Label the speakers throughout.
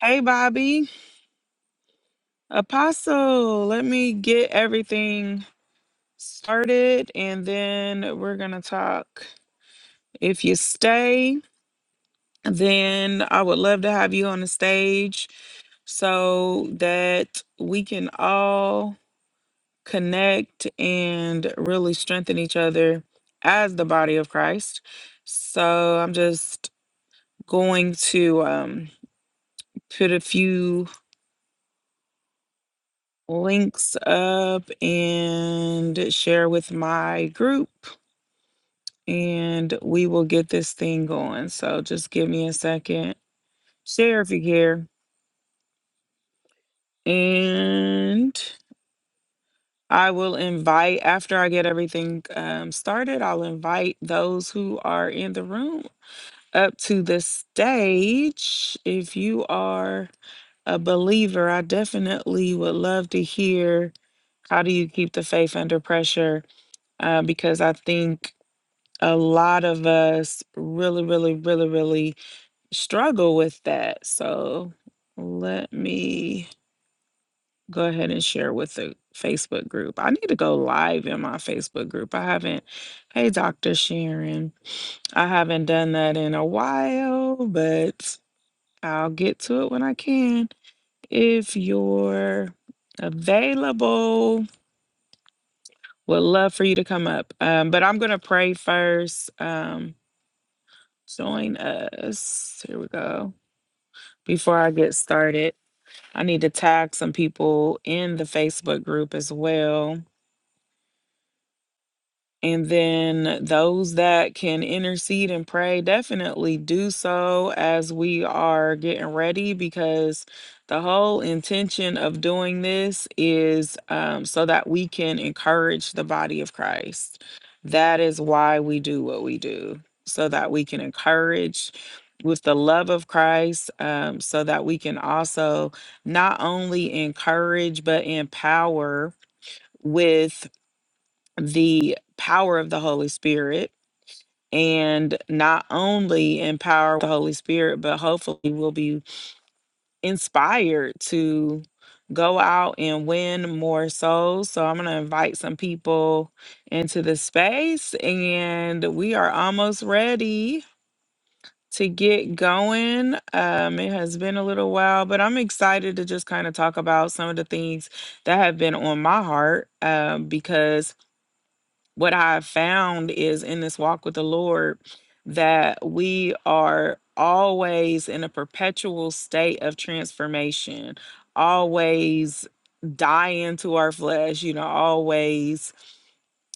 Speaker 1: Hey, Bobby. Apostle, let me get everything started and then we're going to talk. If you stay, then I would love to have you on the stage so that we can all connect and really strengthen each other as the body of Christ. So I'm just going to um, put a few links up and share with my group, and we will get this thing going. So just give me a second. Share if you care. And I will invite, after I get everything um, started, I'll invite those who are in the room up to the stage. If you are a believer, I definitely would love to hear how do you keep the faith under pressure uh, because I think a lot of us really, really, really, really struggle with that. So let me go ahead and share with the Facebook group. I need to go live in my Facebook group. I haven't, hey, Dr. Sharon, I haven't done that in a while, but I'll get to it when I can. If you're available, would love for you to come up. Um, but I'm going to pray first. Um, Join us. Here we go. Before I get started, I need to tag some people in the Facebook group as well. And then those that can intercede and pray, definitely do so as we are getting ready because the whole intention of doing this is um, so that we can encourage the body of Christ. That is why we do what we do, so that we can encourage with the love of Christ, um, so that we can also not only encourage, but empower with the power of the Holy Spirit and not only empower with the Holy Spirit, but hopefully we'll be inspired to go out and win more souls. So I'm going to invite some people into the space and we are almost ready to get going. Um, it has been a little while, but I'm excited to just kind of talk about some of the things that have been on my heart um, because what I've found is in this walk with the Lord that we are always in a perpetual state of transformation, always dying to our flesh, you know, always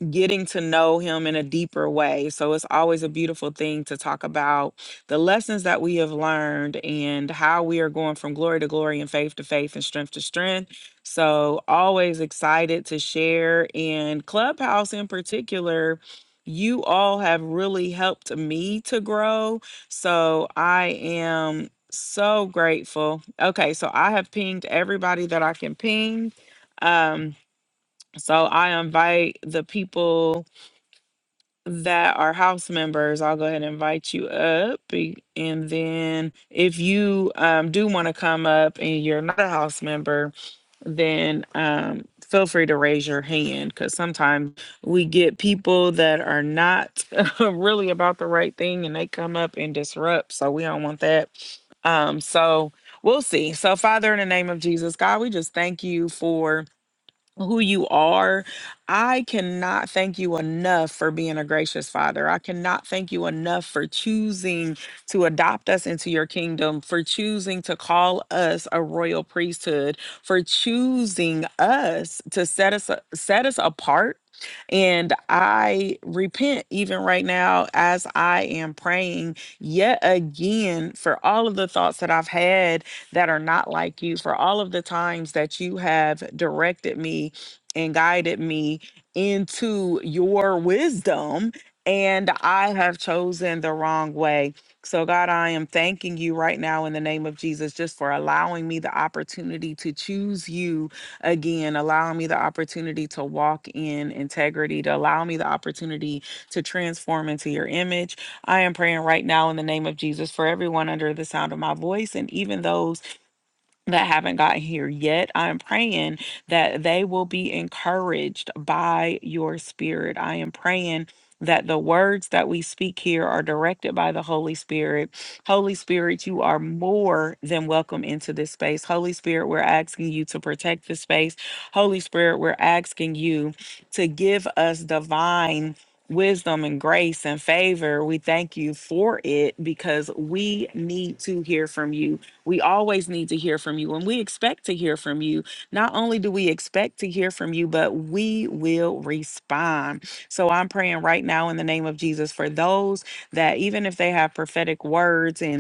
Speaker 1: getting to know him in a deeper way. So it's always a beautiful thing to talk about the lessons that we have learned and how we are going from glory to glory and faith to faith and strength to strength. So always excited to share and Clubhouse in particular. You all have really helped me to grow. So I am so grateful. Okay, so I have pinged everybody that I can ping. Um, so I invite the people that are house members, I'll go ahead and invite you up. be- And then if you um, do want to come up and you're not a house member, then um, feel free to raise your hand because sometimes we get people that are not really about the right thing and they come up and disrupt. So we don't want that. Um, so we'll see. So, Father, in the name of Jesus, God, we just thank you for who you are. I cannot thank you enough for being a gracious father. I cannot thank you enough for choosing to adopt us into your kingdom, for choosing to call us a royal priesthood, for choosing us to set us set us apart. And I repent even right now as I am praying yet again for all of the thoughts that I've had that are not like you, for all of the times that you have directed me and guided me into your wisdom, and I have chosen the wrong way. So, God, I am thanking you right now in the name of Jesus just for allowing me the opportunity to choose you again, allowing me the opportunity to walk in integrity, to allow me the opportunity to transform into your image. I am praying right now in the name of Jesus for everyone under the sound of my voice and even those that haven't gotten here yet, I'm praying that they will be encouraged by your spirit. I am praying that the words that we speak here are directed by the Holy Spirit. Holy Spirit, you are more than welcome into this space. Holy Spirit, we're asking you to protect the space. Holy Spirit, we're asking you to give us divine wisdom and grace and favor. We thank you for it because we need to hear from you. We always need to hear from you, and we expect to hear from you. Not only do we expect to hear from you, but we will respond. So I'm praying right now in the name of Jesus for those that, even if they have prophetic words and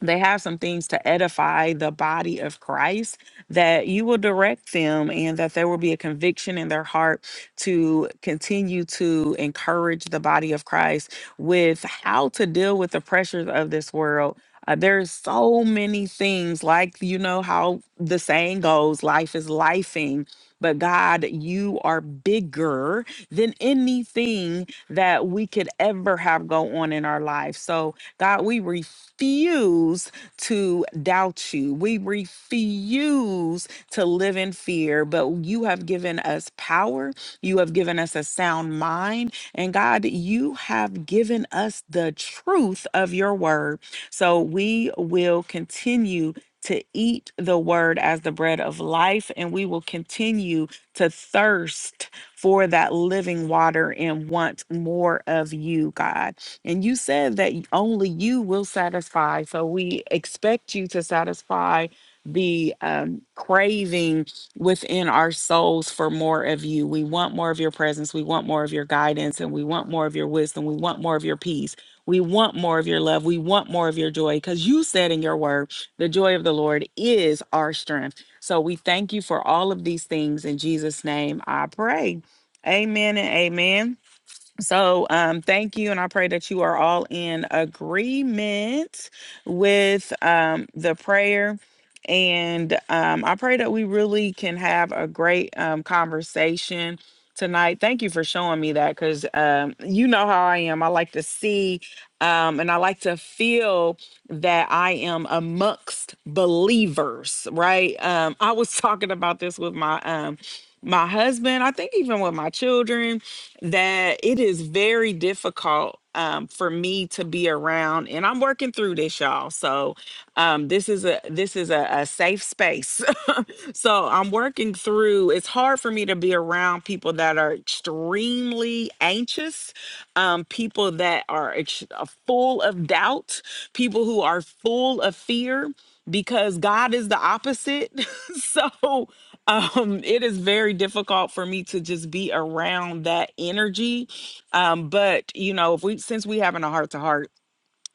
Speaker 1: they have some things to edify the body of Christ that you will direct them and that there will be a conviction in their heart to continue to encourage the body of Christ with how to deal with the pressures of this world. Uh, there's so many things like you know how the saying goes life is lifing but god you are bigger than anything that we could ever have go on in our life so God, we refuse to doubt you. We refuse to live in fear, but you have given us power. You have given us a sound mind. And God, you have given us the truth of your word. So we will continue. To eat the word as the bread of life, and we will continue to thirst for that living water and want more of you, God. And you said that only you will satisfy. So we expect you to satisfy the um, craving within our souls for more of you. We want more of your presence. We want more of your guidance and we want more of your wisdom. We want more of your peace. We want more of your love. We want more of your joy because you said in your word, the joy of the Lord is our strength. So we thank you for all of these things in Jesus' name. I pray. Amen and amen. So, um, thank you, and I pray that you are all in agreement with um, the prayer. And um, I pray that we really can have a great um, conversation tonight. Thank you for showing me that because um, you know how I am. I like to see um, and I like to feel that I am amongst believers, right? Um, I was talking about this with my um, my husband, I think even with my children, that it is very difficult um, for me to be around, and I'm working through this, y'all. So um, this is a this is a, a safe space. so I'm working through. It's hard for me to be around people that are extremely anxious, um, people that are ex- uh, full of doubt, people who are full of fear because God is the opposite. so um, it is very difficult for me to just be around that energy. Um, but you know, if we since we having a heart to heart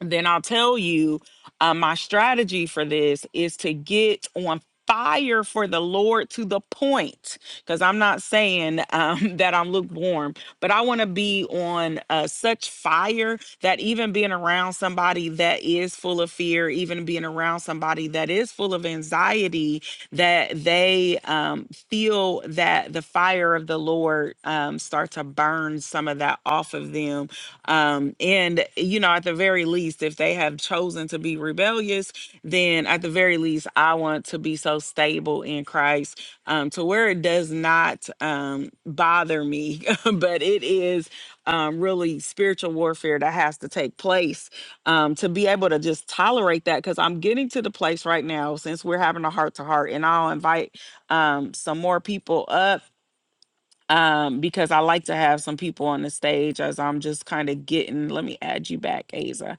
Speaker 1: then I'll tell you uh, my strategy for this is to get on fire for the Lord to the point because I'm not saying um, that I'm lukewarm, but I want to be on uh, such fire that even being around somebody that is full of fear, even being around somebody that is full of anxiety, that they um, feel that the fire of the Lord um, start to burn some of that off of them. Um, and, you know, at the very least, if they have chosen to be rebellious, then at the very least, I want to be so stable in Christ um, to where it does not um, bother me, but it is um, really spiritual warfare that has to take place um, to be able to just tolerate that. Because I'm getting to the place right now, since we're having a heart to heart, and I'll invite um, some more people up um, because I like to have some people on the stage as I'm just kind of getting. Let me add you back, Asa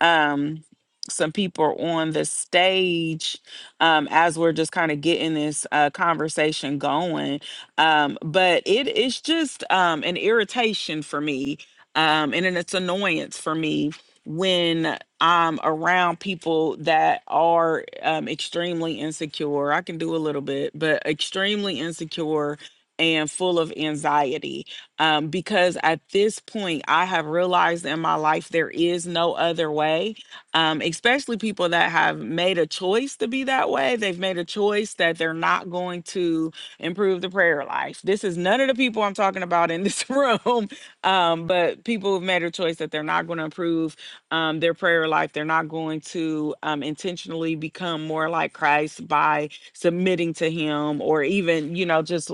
Speaker 1: um some people are on the stage um as we're just kind of getting this uh conversation going um but it is just um an irritation for me um and then it's annoyance for me when i'm around people that are um extremely insecure i can do a little bit but extremely insecure and full of anxiety um, because at this point i have realized in my life there is no other way um, especially people that have made a choice to be that way they've made a choice that they're not going to improve the prayer life this is none of the people i'm talking about in this room um, but people who've made a choice that they're not going to improve um, their prayer life they're not going to um, intentionally become more like christ by submitting to him or even you know just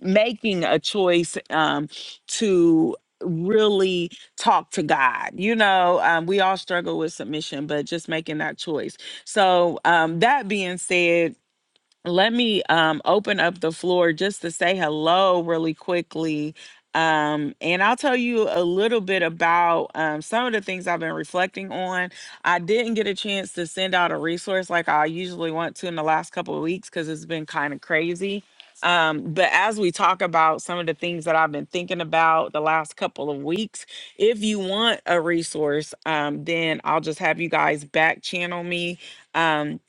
Speaker 1: making a choice um, to really talk to God. You know, um, we all struggle with submission, but just making that choice. So, um, that being said, let me um, open up the floor just to say hello really quickly. Um, and I'll tell you a little bit about um, some of the things I've been reflecting on. I didn't get a chance to send out a resource like I usually want to in the last couple of weeks because it's been kind of crazy. Um, but as we talk about some of the things that I've been thinking about the last couple of weeks, if you want a resource, um, then I'll just have you guys back channel me. Um,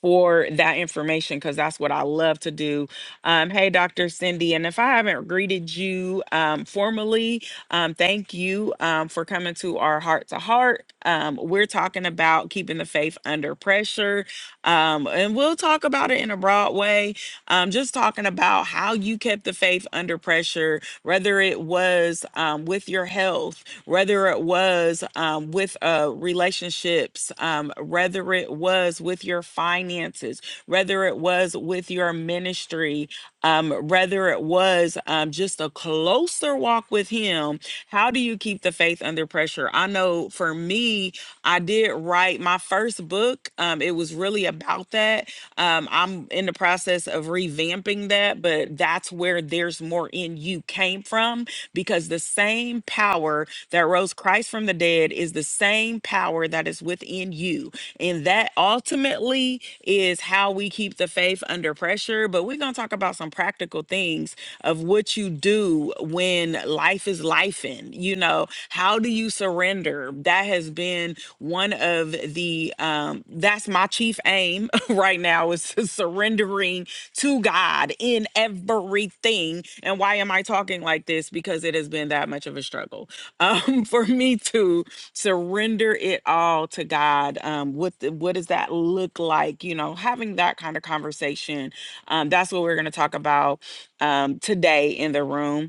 Speaker 1: for that information because that's what I love to do. Um, hey, Dr. Cindy, and if I haven't greeted you um, formally, um, thank you um, for coming to our heart to heart. Um, We're talking about keeping the faith under pressure, um, and we'll talk about it in a broad way. Um, just talking about how you kept the faith under pressure, whether it was um, with your health whether it was um, with uh, relationships, um, whether it was with your finances, whether it was with your ministry, um, whether it was um, just a closer walk with Him. How do you keep the faith under pressure? I know for me, I did write my first book. Um, it was really about that. Um, I'm in the process of revamping that, but that's where there's more in you came from because the same power power that rose Christ from the dead is the same power that is within you. And that ultimately is how we keep the faith under pressure. But we're going to talk about some practical things of what you do when life is life You know, how do you surrender? That has been one of the, um, that's my chief aim right now is to surrendering to God in everything. And why am I talking like this? Because it has been that much of a struggle um, for me to surrender it all to God. Um, what the, what does that look like? You know, having that kind of conversation. Um, that's what we're going to talk about um, today in the room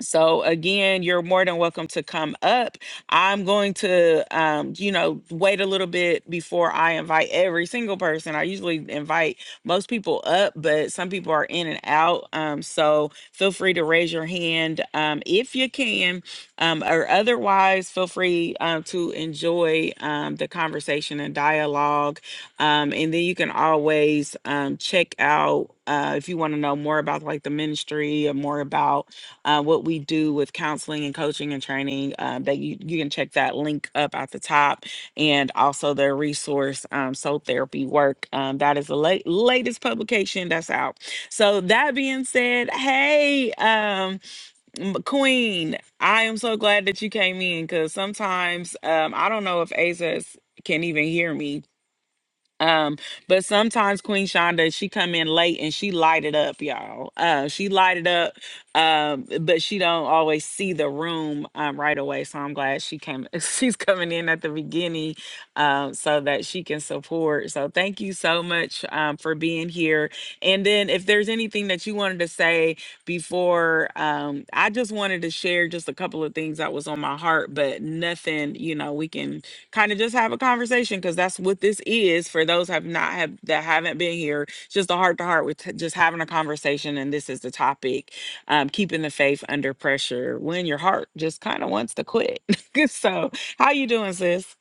Speaker 1: so again, you're more than welcome to come up. I'm going to, um, you know, wait a little bit before I invite every single person. I usually invite most people up, but some people are in and out. Um, so feel free to raise your hand um, if you can, um, or otherwise, feel free um, to enjoy um, the conversation and dialogue. Um, and then you can always um, check out uh, if you want to know more about like the ministry or more about uh, what we do with counseling and coaching and training. Uh, that you, you can check that link up at the top and also their resource um, Soul Therapy Work. Um, that is the la- latest publication that's out. So, that being said, hey, um, Queen, I am so glad that you came in because sometimes um, I don't know if Asa's can even hear me um, but sometimes Queen Shonda, she come in late and she light it up, y'all. Uh, she light it up. Um, but she don't always see the room um, right away. So I'm glad she came. She's coming in at the beginning, um, so that she can support. So thank you so much um, for being here. And then if there's anything that you wanted to say before, um, I just wanted to share just a couple of things that was on my heart, but nothing. You know, we can kind of just have a conversation because that's what this is for those have not have that haven't been here it's just a heart to heart with t- just having a conversation and this is the topic um keeping the faith under pressure when your heart just kind of wants to quit so how you doing sis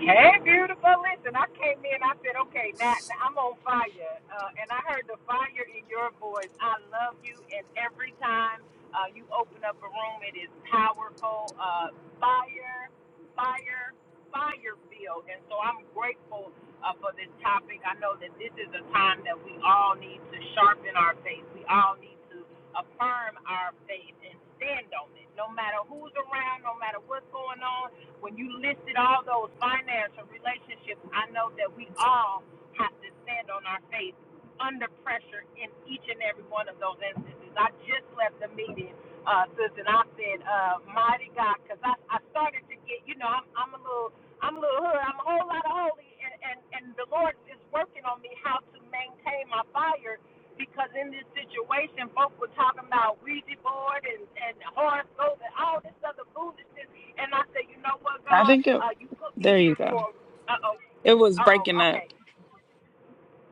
Speaker 2: Hey, beautiful. Listen, I came in. I said, okay, now, now I'm on fire. Uh, and I heard the fire in your voice. I love you. And every time uh, you open up a room, it is powerful. Uh, fire, fire, fire field. And so I'm grateful uh, for this topic. I know that this is a time that we all need to sharpen our faith. We all need to affirm our faith and stand on it. No matter who's around, no matter what's going on, when you listed all those financial relationships, I know that we all have to stand on our faith under pressure in each and every one of those instances. I just left the meeting, uh, sis, and I said, uh, mighty God, because I, I started to get, you know, I'm, I'm a little, I'm a little hood, I'm a whole lot of holy, and, and, and the Lord is working on me how to maintain my fire because in this situation, folks were talking about Ouija board and, and horoscope and all this other foolishness and I said, you know what,
Speaker 1: i
Speaker 2: God,
Speaker 1: think it
Speaker 2: uh, you put me
Speaker 1: there you
Speaker 2: here
Speaker 1: go
Speaker 2: for. Uh oh,
Speaker 1: it was
Speaker 2: uh oh,
Speaker 1: breaking up
Speaker 2: okay.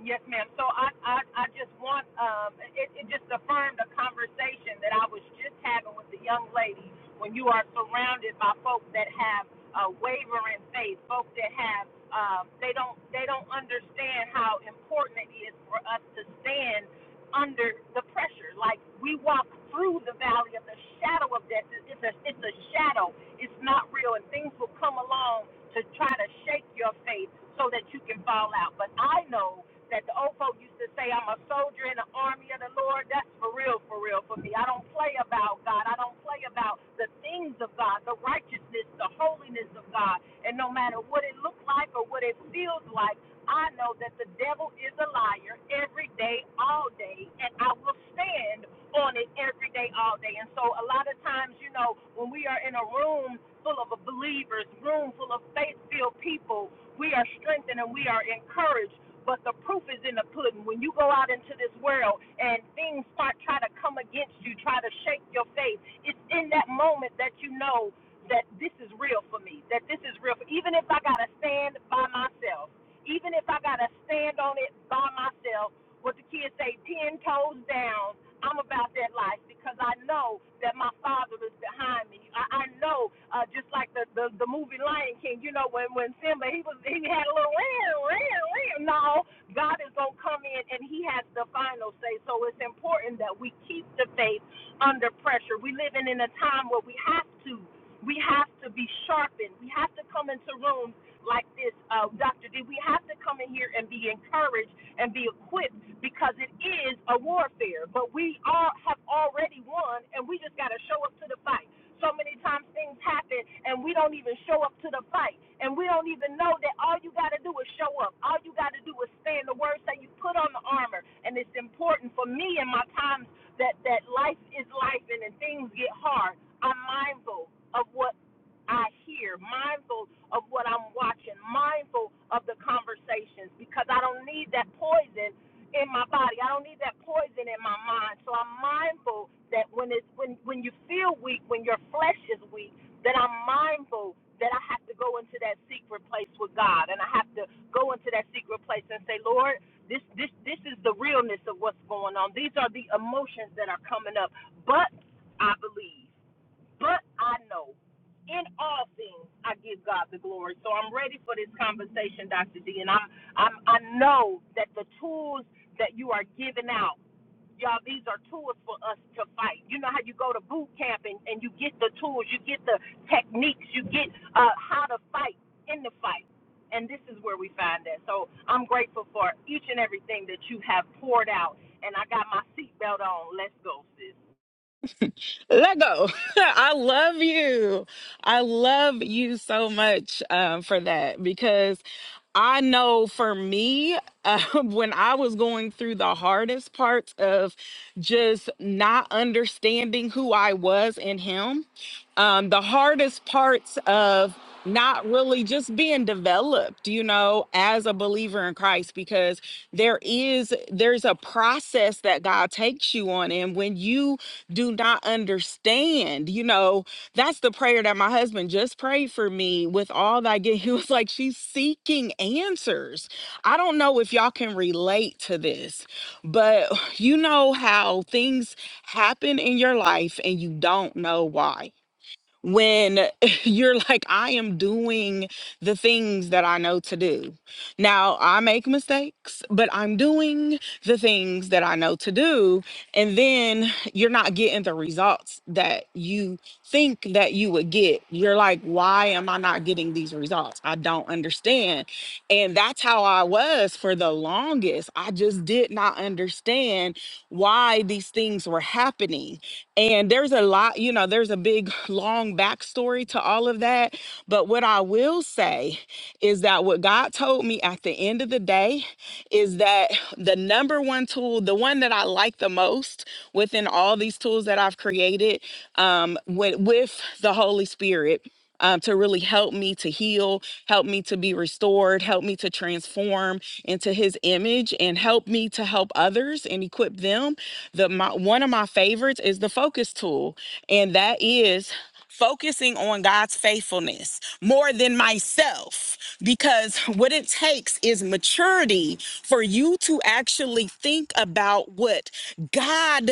Speaker 2: Yes, ma'am. So I, I, I just want, um, it, it just affirmed a conversation that I was just having with the young lady. When you are surrounded by folks that have uh, wavering faith, folks that have, um, they don't, they don't understand how important it is for us to stand under the pressure. Like we walk through the valley of the shadow of death. It's a, it's a shadow. It's not real, and things will come along to try to shake your faith so that you can fall out. But I know that the old folk used to say, I'm a soldier in the army of the Lord. That's for real, for real for me. I don't play about God. I don't play about the things of God, the righteousness, the holiness of God. And no matter what it looks like or what it feels like, I know that the devil is a liar every day, all day, and I will stand on it every day, all day. And so, a lot of times, you know, when we are in a room full of believers, room full of faith filled people, we are strengthened and we are encouraged. But the proof is in the pudding. When you go out into this world and things start trying to come against you, try to shake your faith, it's in that moment that you know that this is real for me, that this is real for even if I gotta stand by myself, even if I gotta stand on it by myself, what the kids say, ten toes down I'm about that life because I know that my father is behind me. I, I know, uh, just like the, the the movie Lion King, you know, when when Simba he was he had a little ram, ram, ram. No, God is gonna come in and He has the final say. So it's important that we keep the faith under pressure. We live in in a time where we have to we have to be sharpened. We have to come into rooms like this, uh, Dr. D. We have to come in here and be encouraged and be equipped because it is a warfare. But we all have already won, and we just got to show up to the fight. So many times things happen, and we don't even show up to the fight, and we don't even know that all you got to do is show up. All you got to do is stand the word. Say you put on the armor, and it's important for me in my times that that life is life, and, and things get hard. I'm mindful of what I hear, mindful of what I'm watching, mindful of the conversations, because I don't need that poison in my body. I don't need that poison in my mind. So I'm mindful that when it's when when you feel weak, when your flesh is weak, that I'm mindful that I have to go into that secret place with God, and I have to go into that secret place and say, Lord. This, this this is the realness of what's going on. These are the emotions that are coming up. But I believe. But I know in all things I give God the glory. So I'm ready for this conversation, Dr. D. And i i I know that the tools that you are giving out, y'all, these are tools for us to fight. You know how you go to boot camp and, and you get the tools, you get the techniques, you get uh, how to fight in the fight. And this is where we find that. So I'm grateful for each and everything that you have poured out. And I got my seatbelt on. Let's go, sis.
Speaker 1: let go. I love you. I love you so much um, for that because I know for me, uh, when I was going through the hardest parts of just not understanding who I was in Him, um, the hardest parts of not really just being developed, you know, as a believer in Christ, because there is, there's a process that God takes you on. And when you do not understand. You know, that's the prayer that my husband just prayed for me with all that I get. He was like, She's seeking answers. I don't know if y'all can relate to this, but you know how things happen in your life and you don't know why when you're like, I am doing the things that I know to do. Now, I make mistakes, but I'm doing the things that I know to do. And then you're not getting the results that you think that you would get. You're like, why am I not getting these results? I don't understand. And that's how I was for the longest. I just did not understand why these things were happening and there's a lot, you know, there's a big long backstory to all of that. But what I will say is that what God told me at the end of the day is that the number one tool, the one that I like the most within all these tools that I've created um, with, with the Holy Spirit. Um, to really help me to heal, help me to be restored, help me to transform into his image, and help me to help others and equip them the my, one of my favorites is the focus tool, and that is focusing on God's faithfulness more than myself because what it takes is maturity for you to actually think about what God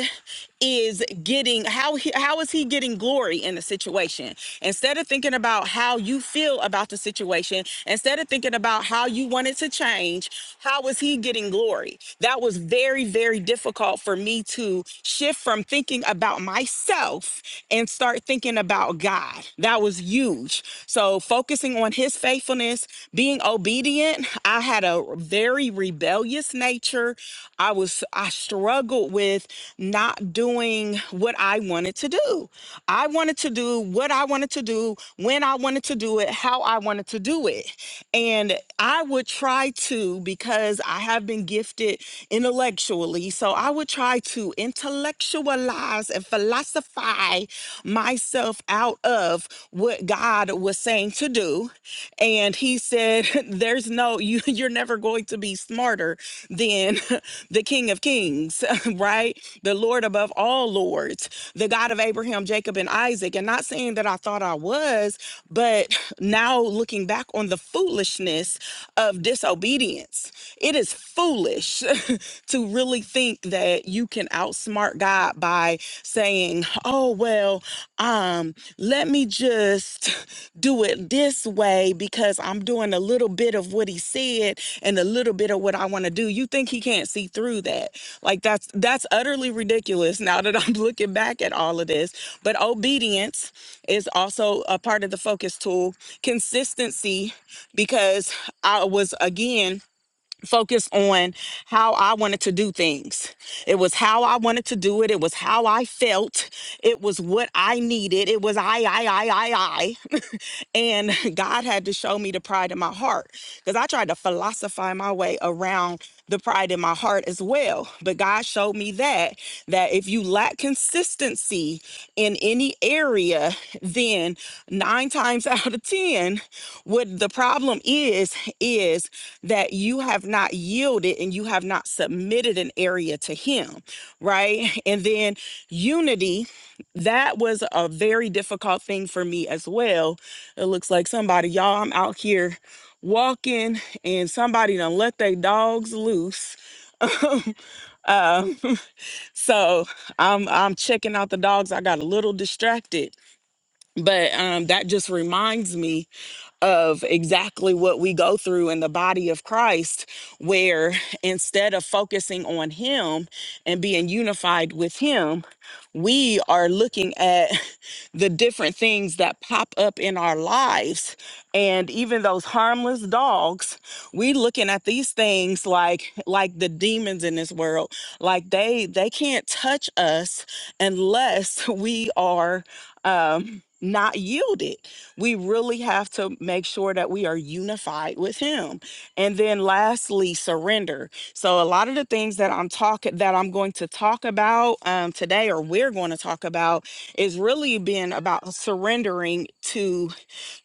Speaker 1: is getting how he, how is he getting glory in the situation instead of thinking about how you feel about the situation instead of thinking about how you want it to change how is he getting glory that was very very difficult for me to shift from thinking about myself and start thinking about god God. That was huge. So, focusing on his faithfulness, being obedient. I had a very rebellious nature. I was, I struggled with not doing what I wanted to do. I wanted to do what I wanted to do, when I wanted to do it, how I wanted to do it. And I would try to, because I have been gifted intellectually, so I would try to intellectualize and philosophize myself out of what God was saying to do. And he said, There's no, you, you're never going to be smarter than the King of Kings, right? The Lord above all lords, the God of Abraham, Jacob, and Isaac. And not saying that I thought I was, but now looking back on the foolishness of disobedience, it is foolish to really think that you can outsmart God by saying saying, "Oh well, um, let me just do it this way because I'm doing a little bit of what he said and a little bit of what I want to do." You think he can't see through that? Like that's that's utterly ridiculous. Now that I'm looking back at all of this, but obedience is also a part of the focus tool. Consistency, because I was again focused on how I wanted to do things. It was how I wanted to do it. It was how I felt. It was what I needed. It was I, I, I, I, I. And God had to show me the pride in my heart because I tried to philosophize my way around the pride in my heart as well. But God showed me that that if you lack consistency in any area, then nine times out of ten, what the problem is is that you have not yielded and you have not submitted an area to Him, right? And then unity, that was a very difficult thing for me as well it looks like somebody, y'all, I'm out here walking and somebody done let their dogs loose. um, uh, so I'm I'm checking out the dogs. I got a little distracted, but um, that just reminds me of exactly what we go through in the body of Christ, where instead of focusing on Him and being unified with Him, we are looking at the different things that pop up in our lives. And even those harmless dogs, we looking at these things like like the demons in this world. Like they they can't touch us unless we are um not yielded we really have to make sure that we are unified with Him. And then lastly, surrender. So a lot of the things that I'm talking that I'm going to talk about um, today, or we're going to talk about, is really being about surrendering to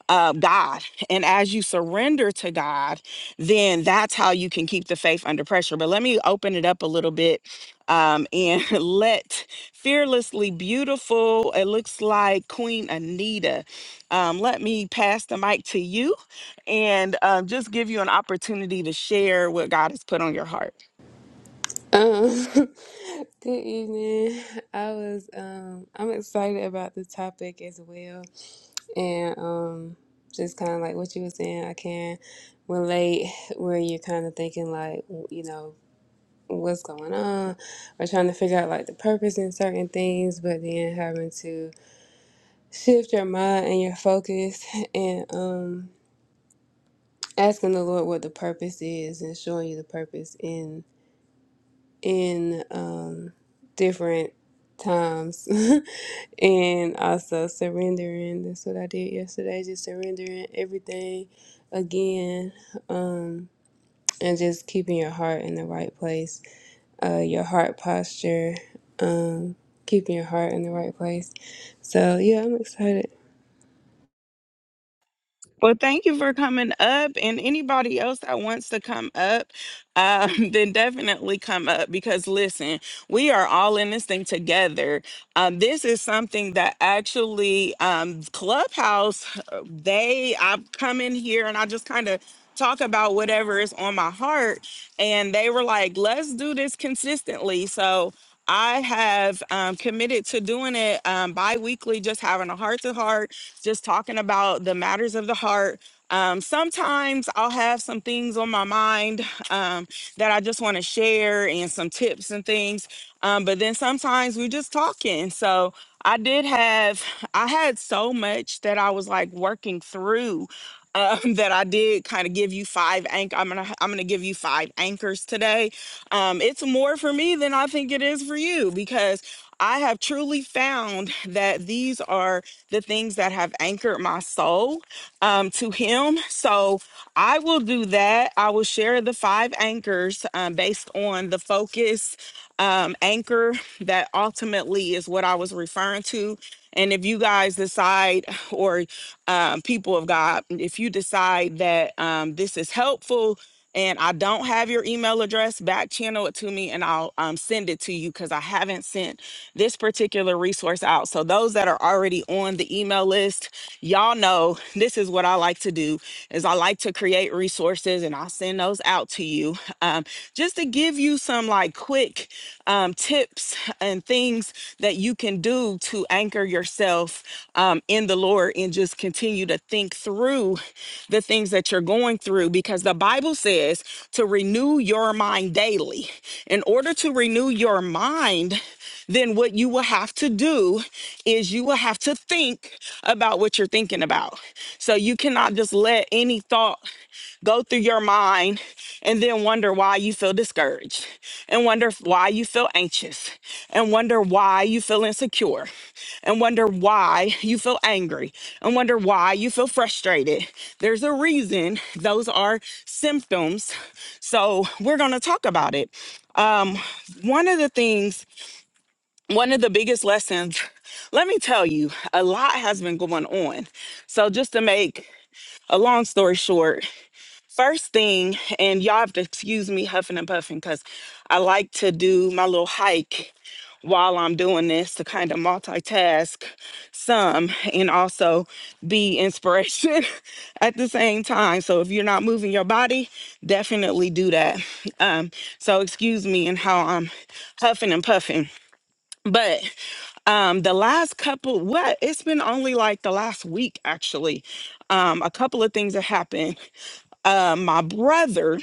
Speaker 1: uh, God. And as you surrender to God, then that's how you can keep the faith under pressure. But let me open it up a little bit um, and let fearlessly beautiful, it looks like Queen Anita. Um, let me pass the mic to you and um, just give you an opportunity to share what God has put on your heart.
Speaker 3: Um, good evening. I was um I'm excited about the topic as well. And um just kind of like what you were saying, I can relate where you're kind of thinking like, you know, what's going on or trying to figure out like the purpose in certain things, but then having to shift your mind and your focus and um asking the Lord what the purpose is and showing you the purpose in um, different times and also surrendering. That's what I did yesterday, just surrendering everything again um, and just keeping your heart in the right place, uh, your heart posture, um, keeping your heart in the right place. So, yeah, I'm excited.
Speaker 1: Well, thank you for coming up. And anybody else that wants to come up, um, then definitely come up because listen, we are all in this thing together. Um, this is something that actually um, Clubhouse, uh, they, I come in here and I just kind of talk about whatever is on my heart and they were like, let's do this consistently. So I have um, committed to doing it um, bi weekly, just having a heart to heart, just talking about the matters of the heart. Um, sometimes I'll have some things on my mind um, that I just want to share and some tips and things. Um, but then sometimes we're just talking. So I did have, I had so much that I was like working through um, that I did kind of give you five anchor. I'm gonna I'm gonna give you five anchors today. Um, it's more for me than I think it is for you because I have truly found that these are the things that have anchored my soul um, to Him. So I will do that. I will share the five anchors um, based on the focus um, anchor that ultimately is what I was referring to. And if you guys decide, or um, people of God, if you decide that um, this is helpful and I don't have your email address, back channel it to me and I'll um, send it to you because I haven't sent this particular resource out. So, those that are already on the email list, y'all know this is what I like to do is I like to create resources and I'll send those out to you um, just to give you some like quick um, tips and things that you can do to anchor yourself um, in the Lord and just continue to think through the things that you're going through because the Bible says to renew your mind daily. In order to renew your mind, then what you will have to do is you will have to think about what you're thinking about. So you cannot just let any thought go through your mind and then wonder why you feel discouraged and wonder why you feel anxious and wonder why you feel insecure and wonder why you feel angry and wonder why you feel frustrated. There's a reason those are symptoms. So we're going to talk about it. Um, one of the things one of the biggest lessons, let me tell you, a lot has been going on. So, just to make a long story short, first thing, and y'all have to excuse me huffing and puffing because I like to do my little hike while I'm doing this to kind of multitask some and also be inspiration at the same time. So, if you're not moving your body, definitely do that. Um, so, excuse me and how I'm huffing and puffing. But um, the last couple, what? It's been only like the last week, actually. Um, a couple of things that happened. Uh, my brother,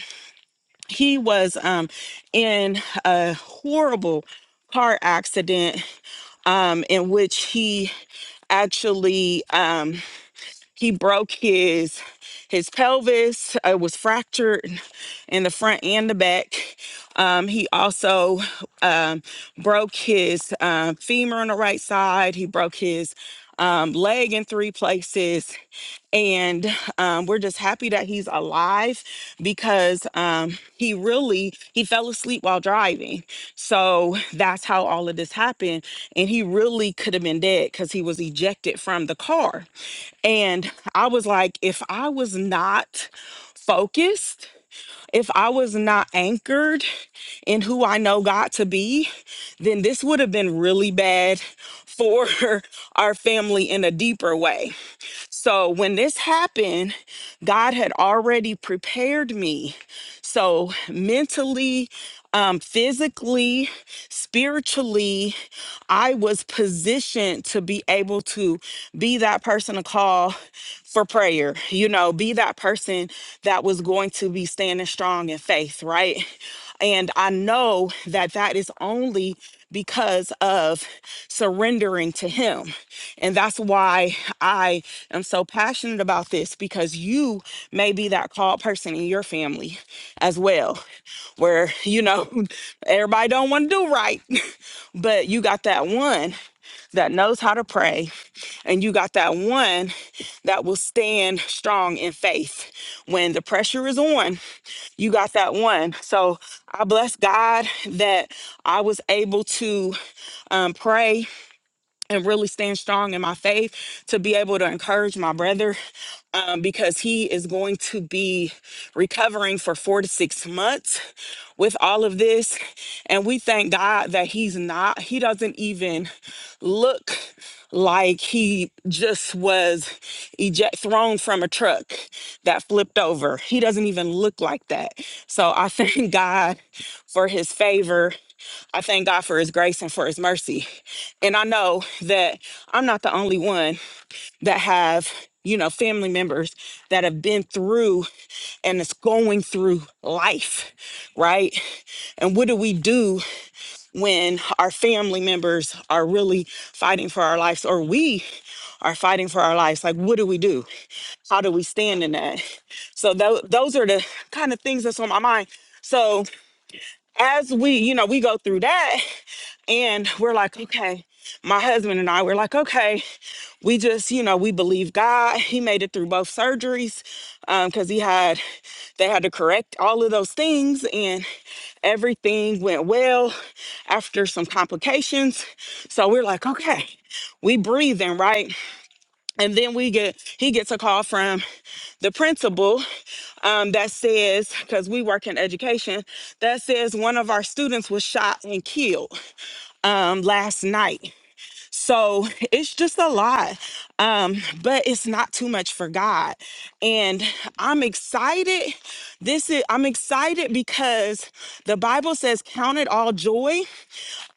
Speaker 1: he was um, in a horrible car accident um, in which he actually um he broke his his pelvis. It was fractured in the front and the back. Um, he also um, broke his um, femur on the right side. He broke his um, leg in three places. And um, we're just happy that he's alive because um, he really he fell asleep while driving. So that's how all of this happened. And he really could have been dead because he was ejected from the car and I was like, if I was not focused, if I was not anchored in who I know God to be, then this would have been really bad for our family in a deeper way. So when this happened, God had already prepared me. So mentally, um, physically, spiritually, I was positioned to be able to be that person to call for prayer. You know, be that person that was going to be standing strong in faith, right? And I know that that is only because of surrendering to Him. And that's why I am so passionate about this because you may be that called person in your family as well, where, you know, everybody don't want to do right, but you got that one that knows how to pray, and you got that one that will stand strong in faith. When the pressure is on, you got that one. So I bless God that I was able to um, pray and really stand strong in my faith to be able to encourage my brother um, because he is going to be recovering for four to six months with all of this. And we thank God that he's not, he doesn't even look like he just was eject, thrown from a truck that flipped over. He doesn't even look like that. So I thank God for his favor I thank God for his grace and for his mercy. And I know that I'm not the only one that have, you know, family members that have been through and is going through life, right? And what do we do when our family members are really fighting for our lives or we are fighting for our lives? Like, what do we do? How do we stand in that? So, tho- those are the kind of things that's on my mind. So, as we, you know, we go through that, and we're like, okay, my husband and I, we're like, okay, we just, you know, we believe God. He made it through both surgeries because he had, they had to correct all of those things and everything went well after some complications. So we're like, okay, we breathing, right? And then we get, he gets a call from the principal um, that says, because we work in education, that says one of our students was shot and killed um last night. So it's just a lot. Um, but it's not too much for God. And I'm excited. This is I'm excited because the Bible says count it all joy.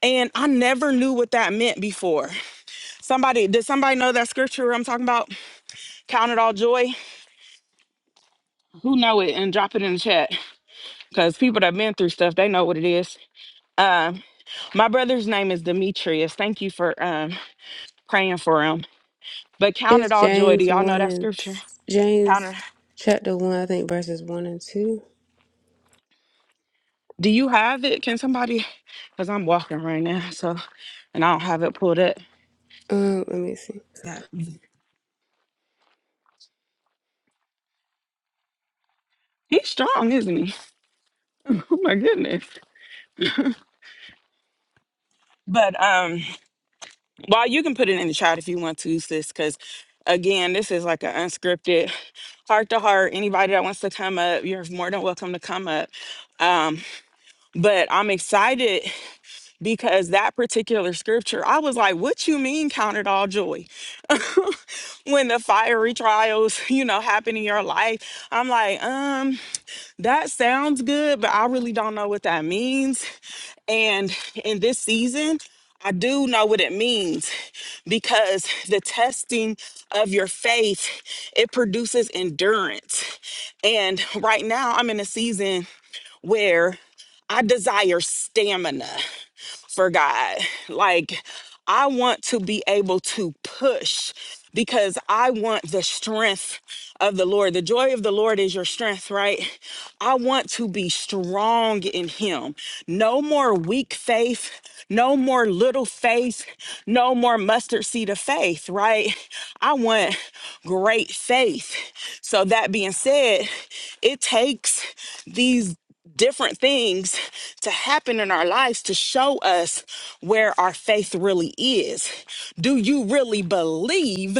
Speaker 1: And I never knew what that meant before. Somebody, did somebody know that scripture I'm talking about? Count it all joy. Who know it and drop it in the chat. Because people that have been through stuff, they know what it is. Um, my brother's name is Demetrius. Thank you for um praying for him But count it
Speaker 3: It's
Speaker 1: all joy. Do
Speaker 3: James
Speaker 1: y'all know
Speaker 3: 1
Speaker 1: that
Speaker 3: and
Speaker 1: scripture? Count
Speaker 3: James
Speaker 1: it.
Speaker 3: chapter 1, I think verses 1 and 2.
Speaker 1: Do you have it? Can somebody? Because I'm walking right now, so and I don't have it pulled up.
Speaker 3: Um, let me see.
Speaker 1: That- He's strong, isn't he? Oh my goodness. But um, well, you can put it in the chat if you want to, sis, because again, this is like an unscripted heart to heart. Anybody that wants to come up, you're more than welcome to come up. Um, but I'm excited because that particular scripture, I was like, what you mean count it all joy? when the fiery trials, you know, happen in your life, I'm like, um, that sounds good, but I really don't know what that means. And in this season, I do know what it means because the testing of your faith, it produces endurance. And right now I'm in a season where I desire stamina for God. Like, I want to be able to push because I want the strength of the Lord. The joy of the Lord is your strength, right? I want to be strong in Him. No more weak faith, no more little faith, no more mustard seed of faith, right? I want great faith. So, that being said, it takes these different things to happen in our lives to show us where our faith really is. Do you really believe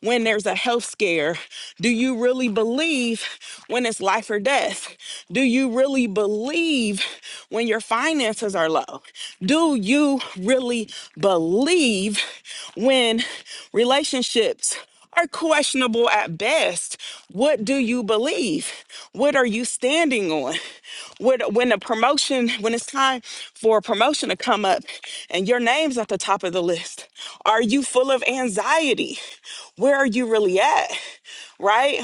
Speaker 1: when there's a health scare? Do you really believe when it's life or death? Do you really believe when your finances are low? Do you really believe when relationships? are questionable at best. What do you believe? What are you standing on? What, when a promotion, when it's time for a promotion to come up and your name's at the top of the list, are you full of anxiety? Where are you really at? Right?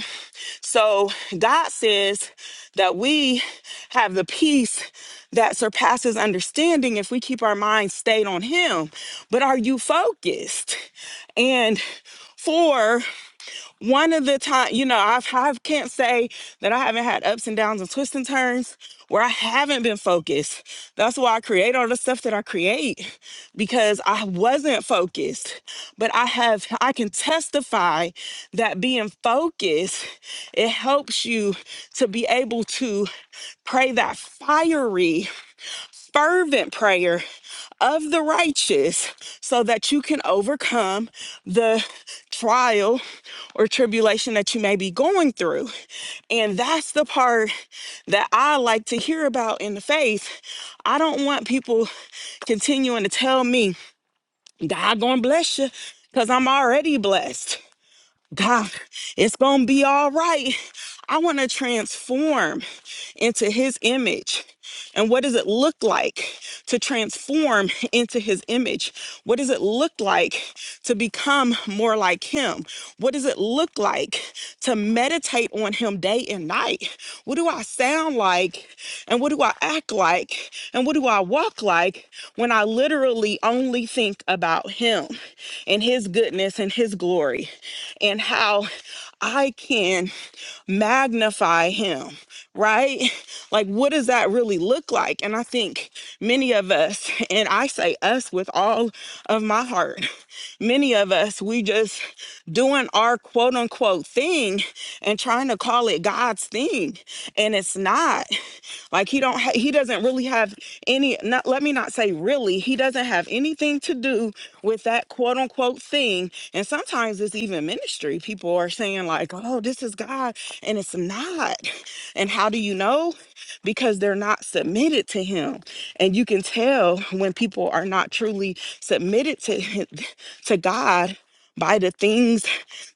Speaker 1: So God says that we have the peace that surpasses understanding if we keep our minds stayed on Him. But are you focused? And for? one of the time, you know, I've I can't say that I haven't had ups and downs and twists and turns where I haven't been focused. That's why I create all the stuff that I create because I wasn't focused. But I have I can testify that being focused it helps you to be able to pray that fiery fervent prayer of the righteous so that you can overcome the trial or tribulation that you may be going through. And that's the part that I like to hear about in the faith. I don't want people continuing to tell me, God gonna bless you, because I'm already blessed. God, it's going to be all right. I want to transform into his image. And what does it look like to transform into his image? What does it look like to become more like him? What does it look like to meditate on him day and night? What do I sound like? And what do I act like? And what do I walk like when I literally only think about him and his goodness and his glory? and how I can magnify him, right? Like, what does that really look like? And I think many of us, and I say us with all of my heart, many of us, we just doing our quote unquote thing and trying to call it God's thing. And it's not. Like he don't ha- he doesn't really have any not let me not say really, he doesn't have anything to do with that quote unquote thing. And sometimes it's even ministry. People are saying like, "Oh, this is God," and it's not. And how do you know? Because they're not submitted to him. And you can tell when people are not truly submitted to him, to God by the things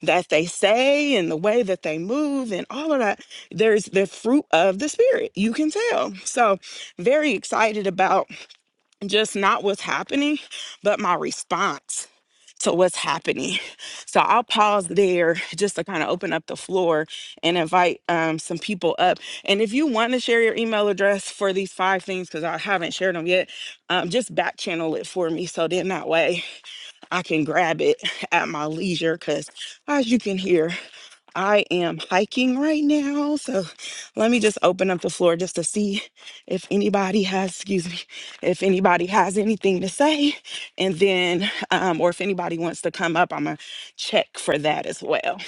Speaker 1: that they say and the way that they move and all of that there's the fruit of the spirit you can tell so very excited about just not what's happening but my response to what's happening so i'll pause there just to kind of open up the floor and invite um, some people up and if you want to share your email address for these five things because i haven't shared them yet um, just back channel it for me so then that way i can grab it at my leisure because as you can hear I am hiking right now, so let me just open up the floor just to see if anybody has, excuse me, if anybody has anything to say, and then, um, or if anybody wants to come up, I'm gonna check for that as well.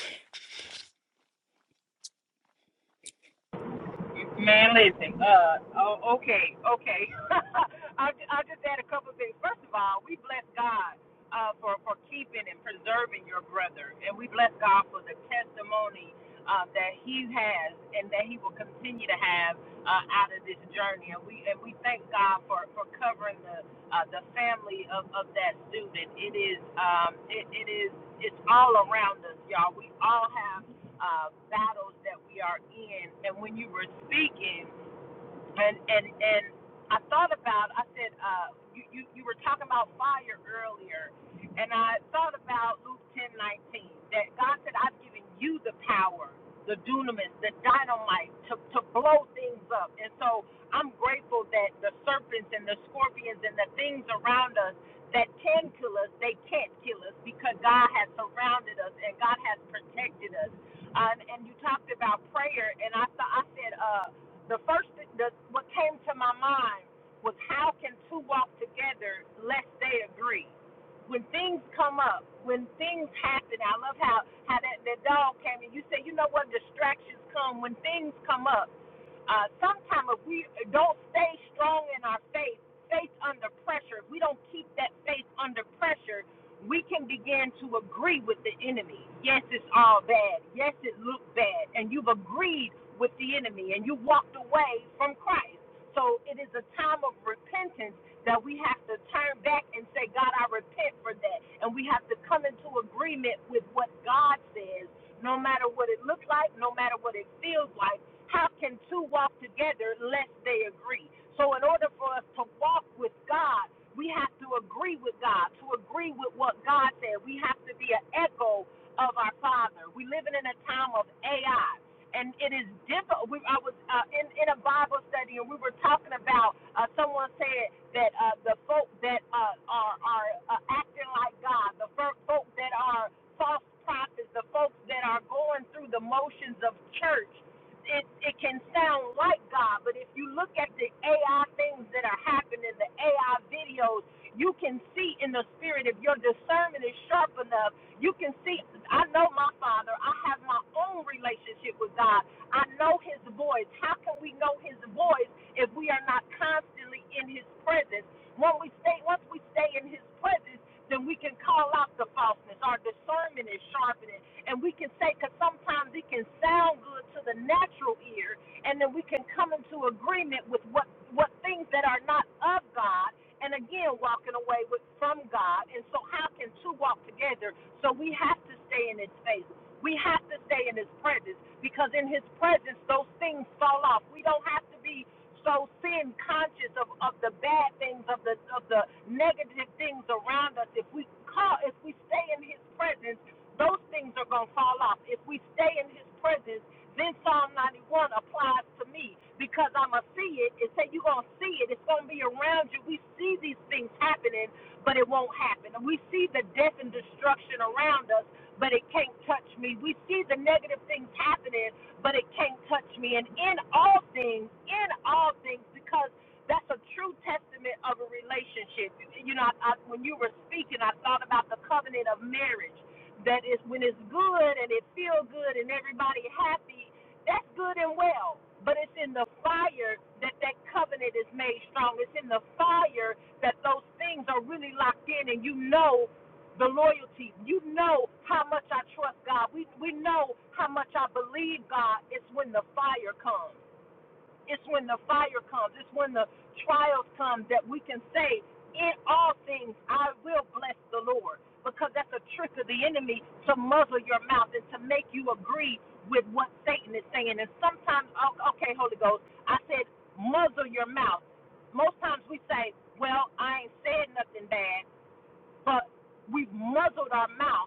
Speaker 2: Man, listen. Uh, oh, okay, okay. I I just add a couple of things. First of all, we bless God uh, for for keeping and preserving your brother, and we bless God for the testimony uh, that he has and that he will continue to have uh, out of this journey. And we and we thank God for for covering the uh, the family of of that student. It is um it, it is it's all around us, y'all. We all have uh, battles that we are in. And when you were speaking, and and and I thought about I said uh you you, you were talking about fire earlier and I thought about Luke ten nineteen that God said I've given you the power the dunamis the dynamite to to blow things up and so I'm grateful that the serpents and the scorpions and the things around us that can kill us they can't kill us because God has surrounded us and God has protected us um, and you talked about prayer and I thought I said uh, the first, th- the, what came to my mind was how can two walk together lest they agree? When things come up, when things happen, I love how how that, that dog came and you say, you know what, distractions come when things come up. Uh, sometimes if we don't stay strong in our faith, faith under pressure, if we don't keep that faith under pressure, we can begin to agree with the enemy. Yes, it's all bad. Yes, it looked bad. And you've agreed with the enemy and you walked away from Christ. So it is a time of repentance that we have to turn back and say, God, I repent for that. And we have to come into agreement with what God says, no matter what it looks like, no matter what it feels like how can two walk together unless they agree? So, in order for us to walk with God, we have to agree with God, to agree with what God said. We have to be an echo of our Father. We're living in a time of AI, and it is difficult. We, I was uh, in, in a Bible study, and we were talking about uh, someone said that uh, the folk that uh, are, are uh, acting like God, the folk that are false prophets, the folks that are going through the motions of church, it it can sound like God, but if you look at the AI things that are happening, the AI videos, you can see in the spirit if your discernment is sharp enough, you can see I know my father, I have my own relationship with God. I know his voice. How can we know his voice if we are not constantly in his presence? When we stay once we stay in his presence, then we can call out the falseness. Our discernment is sharpened and we can say, because sometimes it can sound good to the natural ear, and then we can come into agreement with what, what things that are not of God, and again, walking away with from God. And so, how can two walk together? So, we have to stay in His face. We have to stay in His presence because in His presence, those things fall off. We don't have to be so sin conscious of, of the bad things, of the of the negative things around us. If we call, if we stay in His presence those things are going to fall off. If we stay in his presence, then Psalm 91 applies to me because I'm going to see it. It say you're going to see it. It's going to be around you. We see these things happening, but it won't happen. And we see the death and destruction around us, but it can't touch me. We see the negative things happening, but it can't touch me. And in all things, in all things, because that's a true testament of a relationship. You know, I, I, when you were speaking, I thought about the covenant of marriage that is when it's good and it feel good and everybody happy, that's good and well. But it's in the fire that that covenant is made strong. It's in the fire that those things are really locked in, and you know the loyalty. You know how much I trust God. We we know how much I believe God. It's when the fire comes. It's when the fire comes, it's when the trials come that we can say, In all things, I will bless the Lord. Because that's a trick of the enemy to muzzle your mouth and to make you agree with what Satan is saying. And sometimes, oh, okay, Holy Ghost, I said, muzzle your mouth. Most times we say, Well, I ain't said nothing bad, but we've muzzled our mouth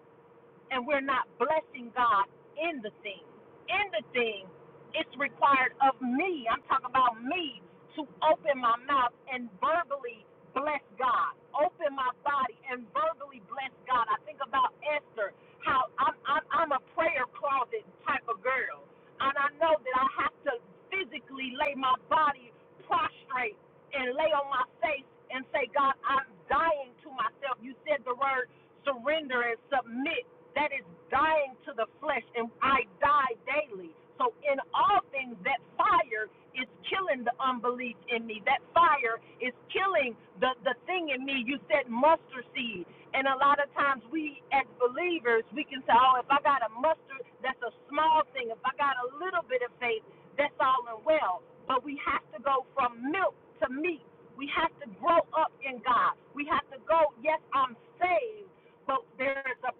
Speaker 2: and we're not blessing God in the thing. In the thing, it's required of me, I'm talking about me, to open my mouth and verbally bless God. Open my body and verbally bless God. I think about Esther, how I'm, I'm, I'm a prayer closet type of girl. And I know that I have to physically lay my body prostrate and lay on my face and say, God, I'm dying to myself. You said the word surrender and submit that is dying to the flesh, and I die daily. So, in all things, that fire is killing the unbelief in me. That fire is killing the, the thing in me. You said mustard seed. And a lot of times, we as believers, we can say, oh, if I got a mustard, that's a small thing. If I got a little bit of faith, that's all and well. But we have to go from milk to meat. We have to grow up in God. We have to go, yes, I'm saved, but there is a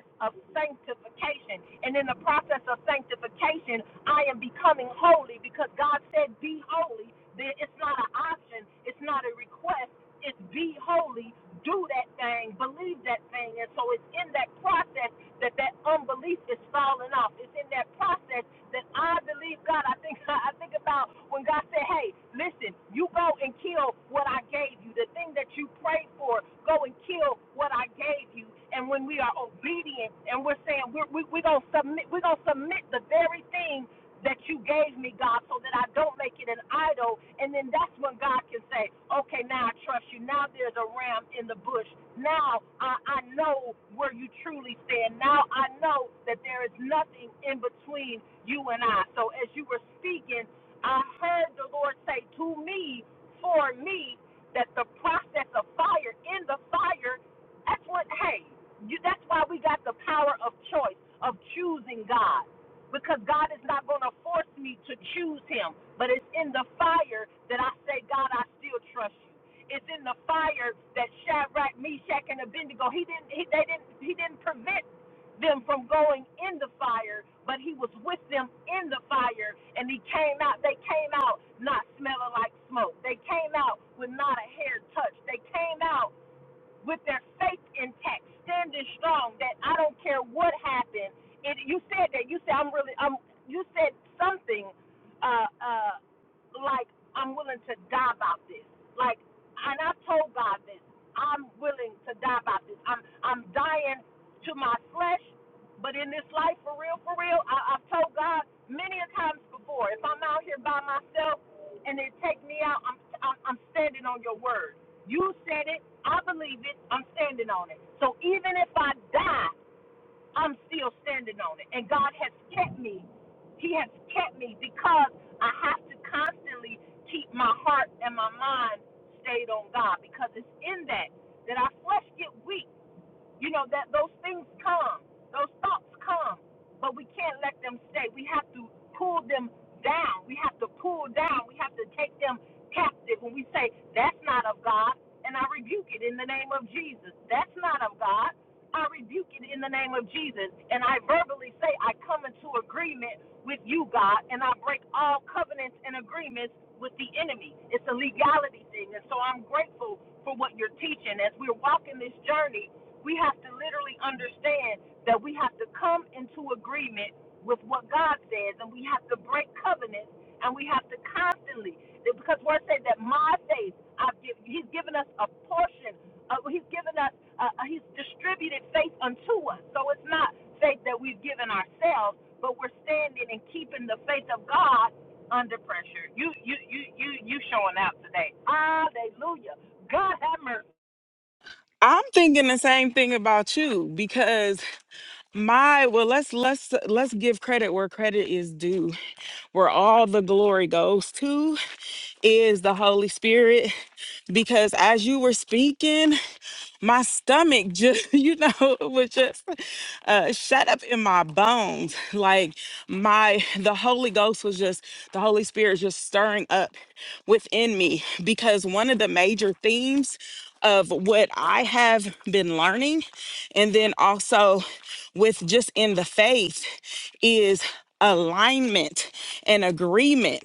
Speaker 2: process of sanctification. And in the process of sanctification, I am becoming holy because God said, Be holy. It's not an option, it's not a request. It's be holy, do that thing, believe that thing. And so it's in that process that that unbelief is falling off. It's in that process that I believe God. I think I think about when God said, "Hey, listen, you go and kill what I gave you. The thing that you prayed for, go and kill what I gave you." And when we are obedient and we're saying we're we, we're gonna submit, we're gonna submit the very thing that you gave me, God, so that I don't make it an idol. And then that's when God can say, okay, now I trust you. Now there's a ram in the bush. Now I, I know where you truly stand. Now I know that there is nothing in between you and I. So as you were speaking, I heard the Lord say to me, for me, that the process of fire, in the fire, that's what, hey, you, that's why we got the power of choice, of choosing God because God is not going to force me to choose him. But it's in the fire that I say, God, I still trust you. It's in the fire that Shadrach, Meshach, and Abednego he didn't he, they didn't he didn't prevent them from going in the fire, but he was with them in the fire, and he came out. They came out not smelling like smoke. They came out with not a hair touched. They came out with their faith intact, standing strong. That I don't care what happened. It, you said that. You said I'm really. I'm. You said something, uh, uh, like I'm willing to die about this. Like, and I told God this. I'm willing to die about this. I'm. I'm dying to my flesh, but in this life, for real, for real, I, I've told God many a times before. If I'm out here by myself and they take me out, I'm. I'm, I'm standing on your word. You said it. I believe it. I'm standing on it. So even if I die, I'm still standing on it. And God has kept me. He has kept me because I have to constantly keep my heart and my mind stayed on God because it's in that that our flesh get weak you know that those things come, those thoughts come, but we can't let them stay. We have to pull them down. We have to pull down. We have to take them captive. When we say that's not of God, and I rebuke it in the name of Jesus. That's not of God. I rebuke it in the name of Jesus, and I verbally say I come into agreement with you, God, and I break all covenants and agreements with the enemy. It's a legality thing, and so I'm grateful for what you're teaching as we're walking this journey we have to literally understand that we have to come into agreement with what God says, and we have to break covenants, and we have to constantly, because Word says that my faith, I've given, He's given us a portion, of, He's given us, uh, uh, He's distributed faith unto us. So it's not faith that we've given ourselves, but we're standing and keeping the faith of God under pressure. You, you, you, you, you showing out today. Hallelujah. God have mercy.
Speaker 1: I'm thinking the same thing about you because my well, let's let's let's give credit where credit is due. Where all the glory goes to is the Holy Spirit, because as you were speaking. my stomach just you know it was just uh shut up in my bones like my the holy ghost was just the holy spirit just stirring up within me because one of the major themes of what i have been learning and then also with just in the faith is alignment and agreement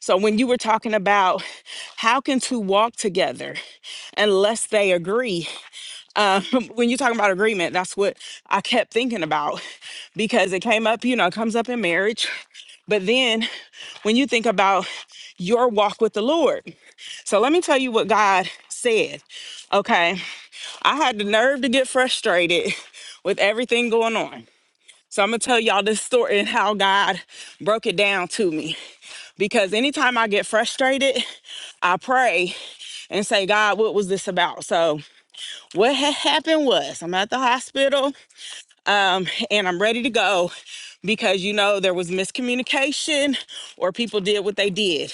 Speaker 1: so when you were talking about how can two walk together unless they agree, um, when you're talking about agreement, that's what I kept thinking about because it came up, you know, it comes up in marriage. But then when you think about your walk with the Lord, so let me tell you what God said. Okay. I had the nerve to get frustrated with everything going on. So I'm going to tell y'all this story and how God broke it down to me. Because anytime I get frustrated, I pray and say, God, what was this about? So what had happened was I'm at the hospital um, and I'm ready to go because you know there was miscommunication or people did what they did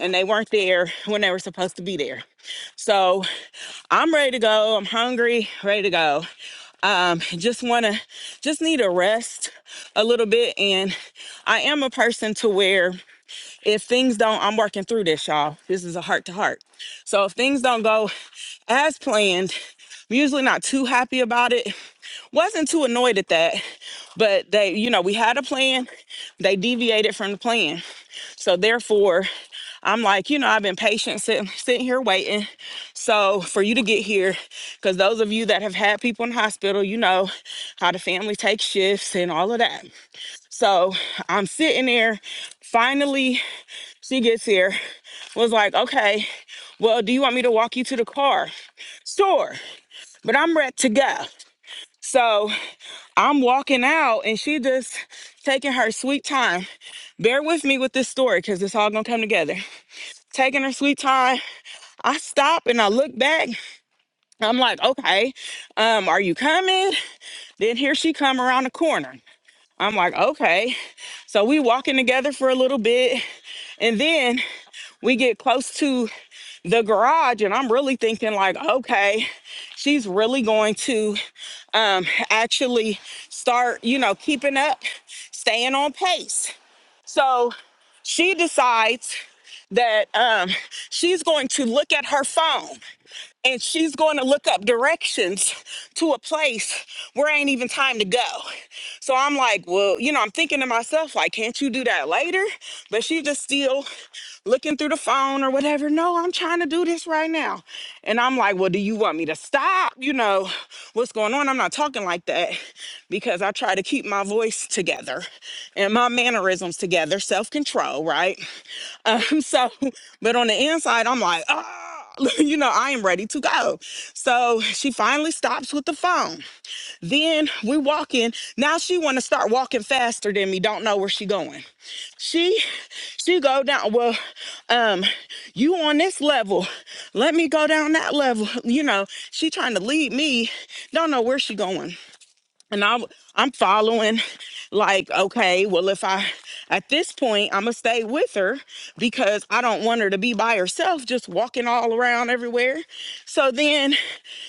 Speaker 1: and they weren't there when they were supposed to be there. So I'm ready to go. I'm hungry, ready to go. Um, just wanna, just need a rest a little bit. And I am a person to where if things don't, I'm working through this, y'all. This is a heart to heart. So if things don't go as planned, I'm usually not too happy about it, wasn't too annoyed at that, but they, you know, we had a plan. They deviated from the plan. So therefore, I'm like, you know, I've been patient sitting sitting here waiting. So for you to get here, because those of you that have had people in the hospital, you know how the family takes shifts and all of that. So I'm sitting there. Finally, she gets here. Was like, okay, well, do you want me to walk you to the car? Sure, but I'm ready to go. So I'm walking out and she just taking her sweet time. Bear with me with this story because it's all gonna come together. Taking her sweet time. I stop and I look back. I'm like, okay, um, are you coming? Then here she come around the corner. I'm like, okay. So we walking together for a little bit, and then we get close to the garage, and I'm really thinking like, okay, she's really going to um, actually start, you know, keeping up, staying on pace. So she decides that um, she's going to look at her phone and she's going to look up directions to a place where ain't even time to go. So I'm like, well, you know, I'm thinking to myself, like, can't you do that later? But she just still looking through the phone or whatever. No, I'm trying to do this right now. And I'm like, well, do you want me to stop? You know, what's going on? I'm not talking like that because I try to keep my voice together and my mannerisms together, self control, right? Um, so, but on the inside, I'm like, ah, you know, I am ready to go. So she finally stops with the phone. Then we walk in. Now she want to start walking faster than me. Don't know where she going. She, she go down. Well, um, you on this level. Let me go down that level. You know, she trying to lead me. Don't know where she going and I'm I'm following like okay well if I at this point I'm gonna stay with her because I don't want her to be by herself just walking all around everywhere so then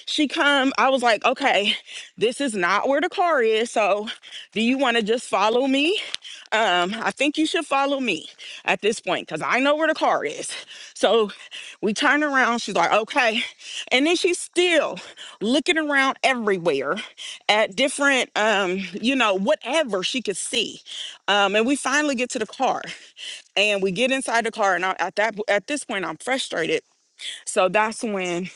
Speaker 1: she come I was like okay this is not where the car is so do you want to just follow me um I think you should follow me at this point because I know where the car is so we turn around she's like okay and then she's still looking around everywhere at different um you know whatever she could see um and we finally get to the car and we get inside the car and I, at that at this point i'm frustrated so that's when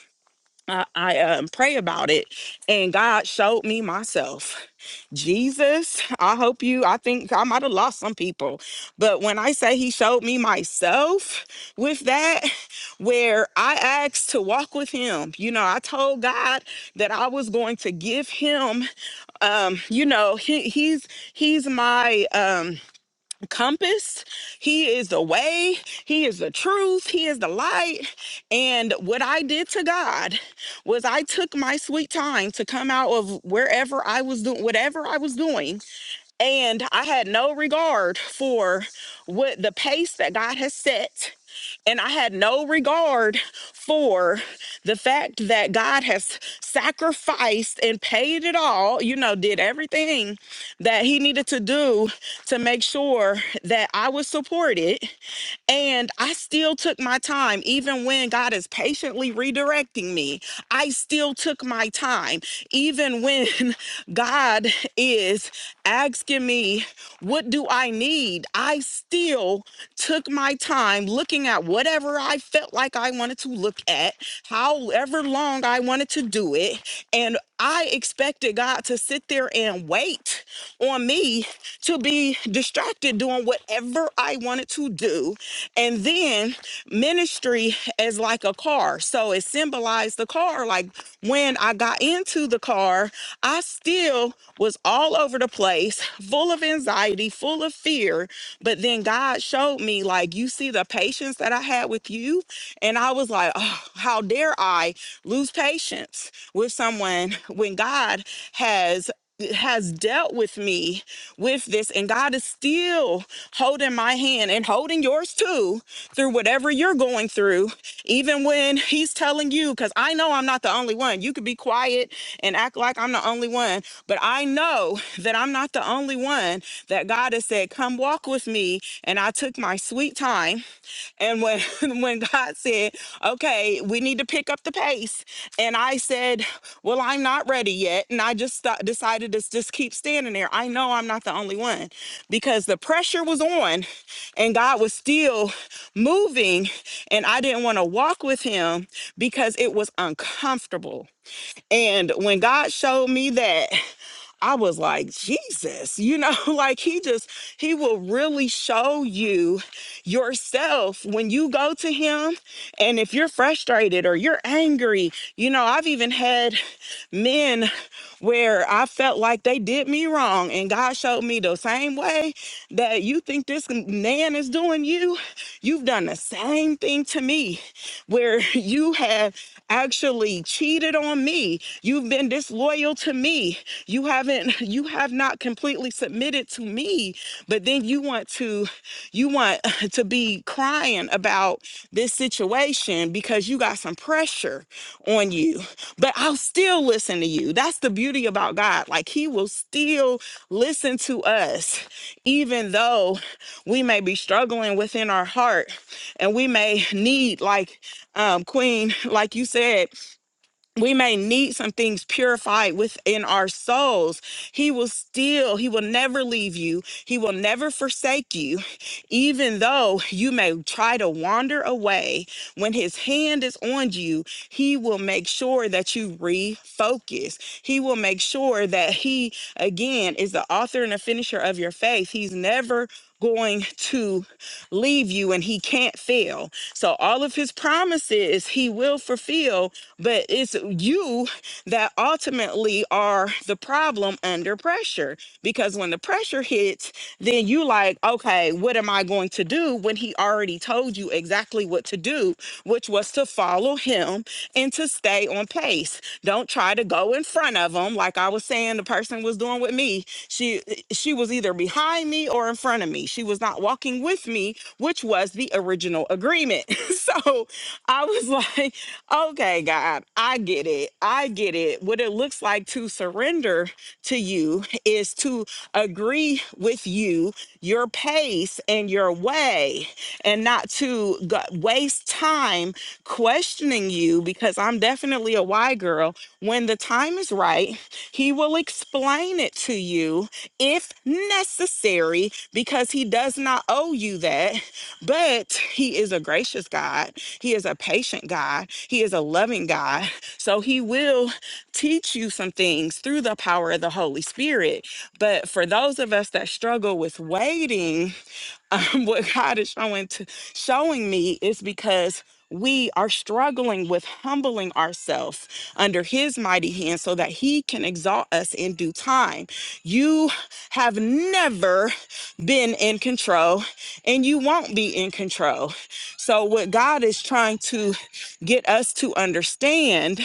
Speaker 1: uh, i um, pray about it and god showed me myself jesus i hope you i think i might have lost some people but when i say he showed me myself with that where i asked to walk with him you know i told god that i was going to give him um you know he he's he's my um compass he is the way he is the truth he is the light and what i did to god was i took my sweet time to come out of wherever i was doing whatever i was doing and i had no regard for what the pace that god has set and I had no regard for the fact that God has sacrificed and paid it all, you know, did everything that He needed to do to make sure that I was supported and I still took my time, even when God is patiently redirecting me. I still took my time, even when God is asking me, What do I need? I still took my time looking at whatever I felt like I wanted to look at, however long I wanted to do it. And I expected God to sit there and wait on me to be distracted doing whatever I wanted to do and then ministry is like a car. So it symbolized the car. Like when I got into the car, I still was all over the place, full of anxiety, full of fear. But then God showed me, like, you see the patience that I had with you. And I was like, oh, how dare I lose patience with someone when God has has dealt with me with this and God is still holding my hand and holding yours too through whatever you're going through, even when he's telling you, because I know I'm not the only one. You could be quiet and act like I'm the only one, but I know that I'm not the only one that God has said, Come walk with me. And I took my sweet time and when when God said, "Okay, we need to pick up the pace," and I said, "Well, I'm not ready yet," and I just sto- decided to just keep standing there. I know I'm not the only one because the pressure was on, and God was still moving, and I didn't want to walk with Him because it was uncomfortable. And when God showed me that. I was like, Jesus, you know, like he just, he will really show you yourself when you go to him. And if you're frustrated or you're angry, you know, I've even had men where I felt like they did me wrong. And God showed me the same way that you think this man is doing you, you've done the same thing to me, where you have actually cheated on me. You've been disloyal to me you haven't, you have not completely submitted to me, but then you want to, you want to be crying about this situation because you got some pressure on you. But I'll still listen to you. That's the beauty about God. Like He will still listen to us, even though we may be struggling within our heart and we may need, like um, Queen, like you said we may need some things purified within our souls. He will still, He will never leave you. He will never forsake you, even though you may try to wander away. When His hand is on you, He will make sure that you refocus. He will make sure that He, again, is the author and the finisher of your faith. He's never going to leave you and He can't fail. So, all of His promises, He will fulfill but it's you that ultimately are the problem under pressure because when the pressure hits then you like okay what am i going to do when he already told you exactly what to do which was to follow him and to stay on pace. Don't try to go in front of them. Like I was saying, the person was doing with me. She she was either behind me or in front of me. She was not walking with me, which was the original agreement. so I was like, okay, God, I get it. I get it. What it looks like to surrender to you is to agree with you, your pace and your way, and not to go- waste time questioning you because I'm definitely a why girl. When the time is right, he will explain it to you if necessary because he does not owe you that. But he is a gracious God, he is a patient God, he is a loving God. So he will teach you some things through the power of the Holy Spirit. But for those of us that struggle with waiting, um, what God is showing to showing me is because we are struggling with humbling ourselves under his mighty hand so that he can exalt us in due time. You have never been in control and you won't be in control. So what God is trying to get us to understand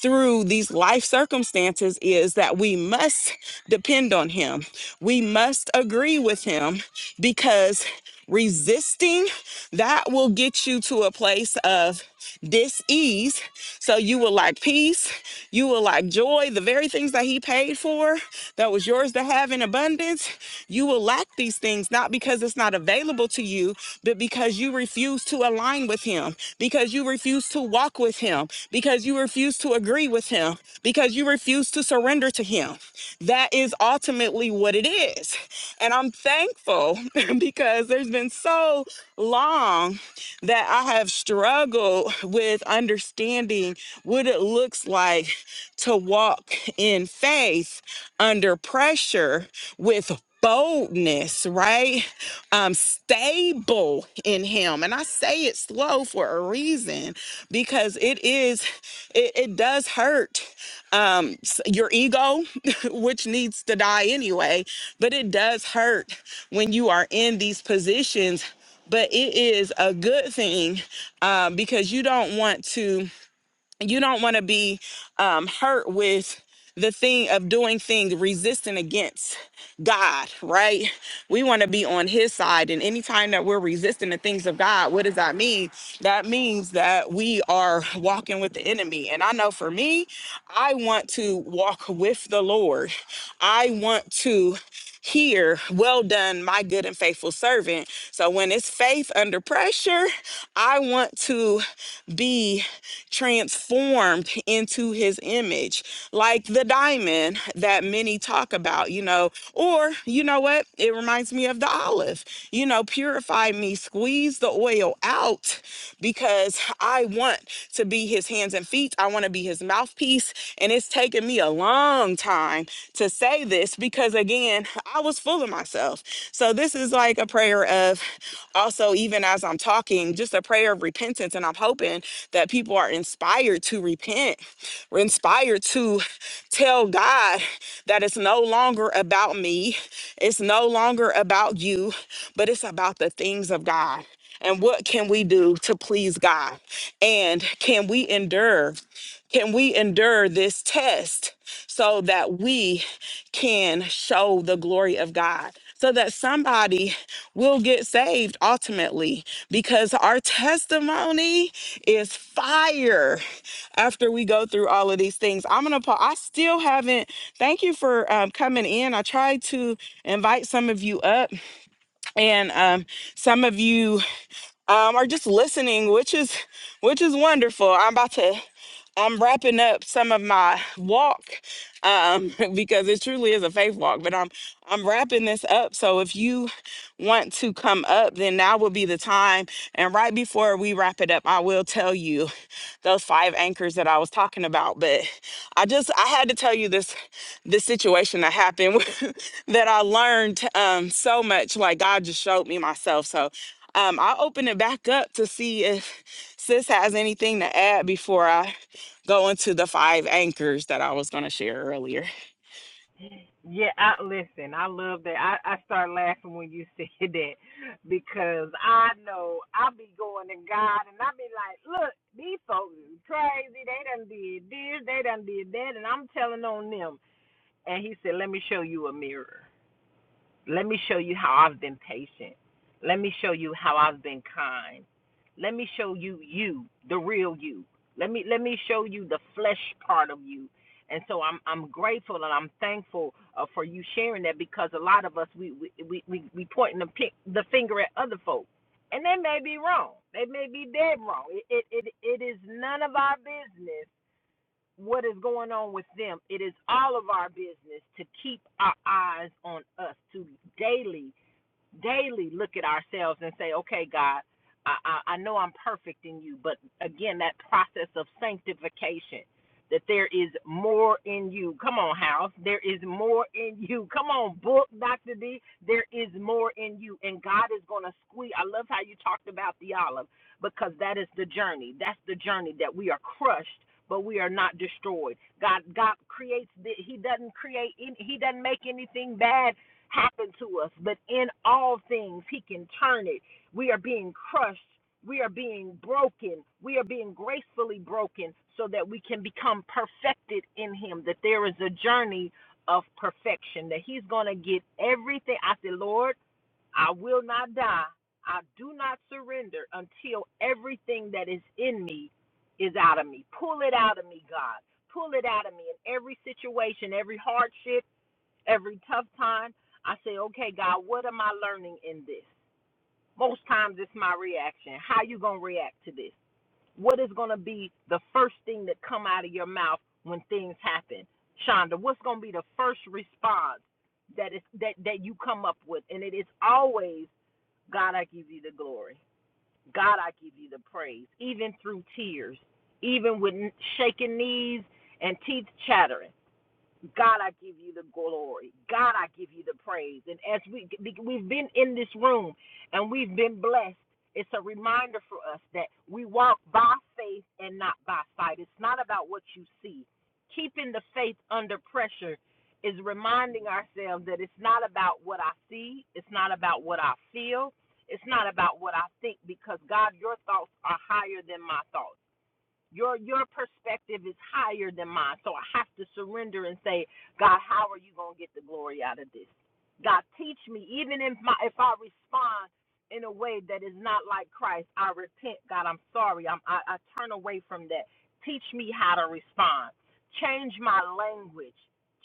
Speaker 1: through these life circumstances is that we must depend on Him. We must agree with Him because resisting that will get you to a place of dis-ease so you will like peace you will lack joy, the very things that he paid for that was yours to have in abundance. You will lack these things, not because it's not available to you, but because you refuse to align with him, because you refuse to walk with him, because you refuse to agree with him, because you refuse to surrender to him. That is ultimately what it is. And I'm thankful because there's been so long that I have struggled with understanding what it looks like to walk in faith under pressure with boldness, right? Um, stable in him. And I say it slow for a reason because it is, it, it does hurt um, s- your ego, which needs to die anyway, but it does hurt when you are in these positions but it is a good thing um, because you don't want to you don't want to be um, hurt with the thing of doing things resisting against God, right? We want to be on his side. And anytime that we're resisting the things of God, what does that mean? That means that we are walking with the enemy. And I know for me, I want to walk with the Lord. I want to hear, Well done, my good and faithful servant. So when it's faith under pressure, I want to be transformed into his image, like the diamond that many talk about, you know. Or, you know what? It reminds me of the olive. You know, purify me, squeeze the oil oil out because I want to be his hands and feet. I want to be his mouthpiece. And it's taken me a long time to say this because, again, I was full of myself. So, this is like a prayer of also, even as I'm talking, just a prayer of repentance. And I'm hoping that people are inspired to repent we're inspired to tell God that it's no longer about me, it's no longer about you, but it's about the things of God. And what can we do to please God? And can we endure? Can we endure this test so that we can show the glory of God? So that somebody will get saved ultimately because our testimony is fire after we go through all of these things i'm gonna pa- i still haven't thank you for um, coming in i tried to invite some of you up and um, some of you um, or just listening, which is which is wonderful. I'm about to I'm wrapping up some of my walk um, because it truly is a faith walk, but I'm I'm wrapping this up. So if you want to come up, then now will be the time. And right before we wrap it up, I will tell you those five anchors that I was talking about. But I just I had to tell you this this situation that happened that I learned um, so much. Like God just showed me myself. So um, I'll open it back up to see if sis has anything to add before I go into the five anchors that I was going to share earlier.
Speaker 2: Yeah, I, listen, I love that. I, I start laughing when you said that because I know I be going to God and I be like, look, these folks is crazy. They done did this, they done did that, and I'm telling on them. And he said, let me show you a mirror. Let me show you how I've been patient. Let me show you how I've been kind. Let me show you you, the real you. Let me let me show you the flesh part of you. And so I'm I'm grateful and I'm thankful uh, for you sharing that because a lot of us we we we we, we pointing the, pi- the finger at other folks. And they may be wrong. They may be dead wrong. It, it it it is none of our business what is going on with them. It is all of our business to keep our eyes on us, to daily daily look at ourselves and say, okay, God, I, I, I know I'm perfect in you, but again, that process of sanctification, that there is more in you. Come on, house. There is more in you. Come on, book, Dr. D. There is more in you. And God is going to squeeze. I love how you talked about the olive because that is the journey. That's the journey that we are crushed. But we are not destroyed. God, God creates. The, he doesn't create. any- He doesn't make anything bad happen to us, but in all things, He can turn it. We are being crushed, we are being broken, we are being gracefully broken so that we can become perfected in Him, that there is a journey of perfection, that He's going to get everything. I said, Lord, I will not die. I do not surrender until everything that is in me is out of me. Pull it out of me, God. Pull it out of me in every situation, every hardship every tough time, I say, okay, God, what am I learning in this? Most times it's my reaction. How you going to react to this? What is going to be the first thing that come out of your mouth when things happen? Shonda, what's going to be the first response that is that that you come up with? And it is always, God, I give you the glory. God, I give you the praise, even through tears, even with shaking knees and teeth chattering. God, I give you the glory. God, I give you the praise. And as we we've been in this room and we've been blessed, it's a reminder for us that we walk by faith and not by sight. It's not about what you see. Keeping the faith under pressure is reminding ourselves that it's not about what I see, it's not about what I feel, it's not about what I think because God, your thoughts are higher than my thoughts. Your your perspective is higher than mine. So I have to surrender and say, God, how are you gonna get the glory out of this? God, teach me, even if my if I respond in a way that is not like Christ, I repent, God, I'm sorry. I'm I, I turn away from that. Teach me how to respond. Change my language.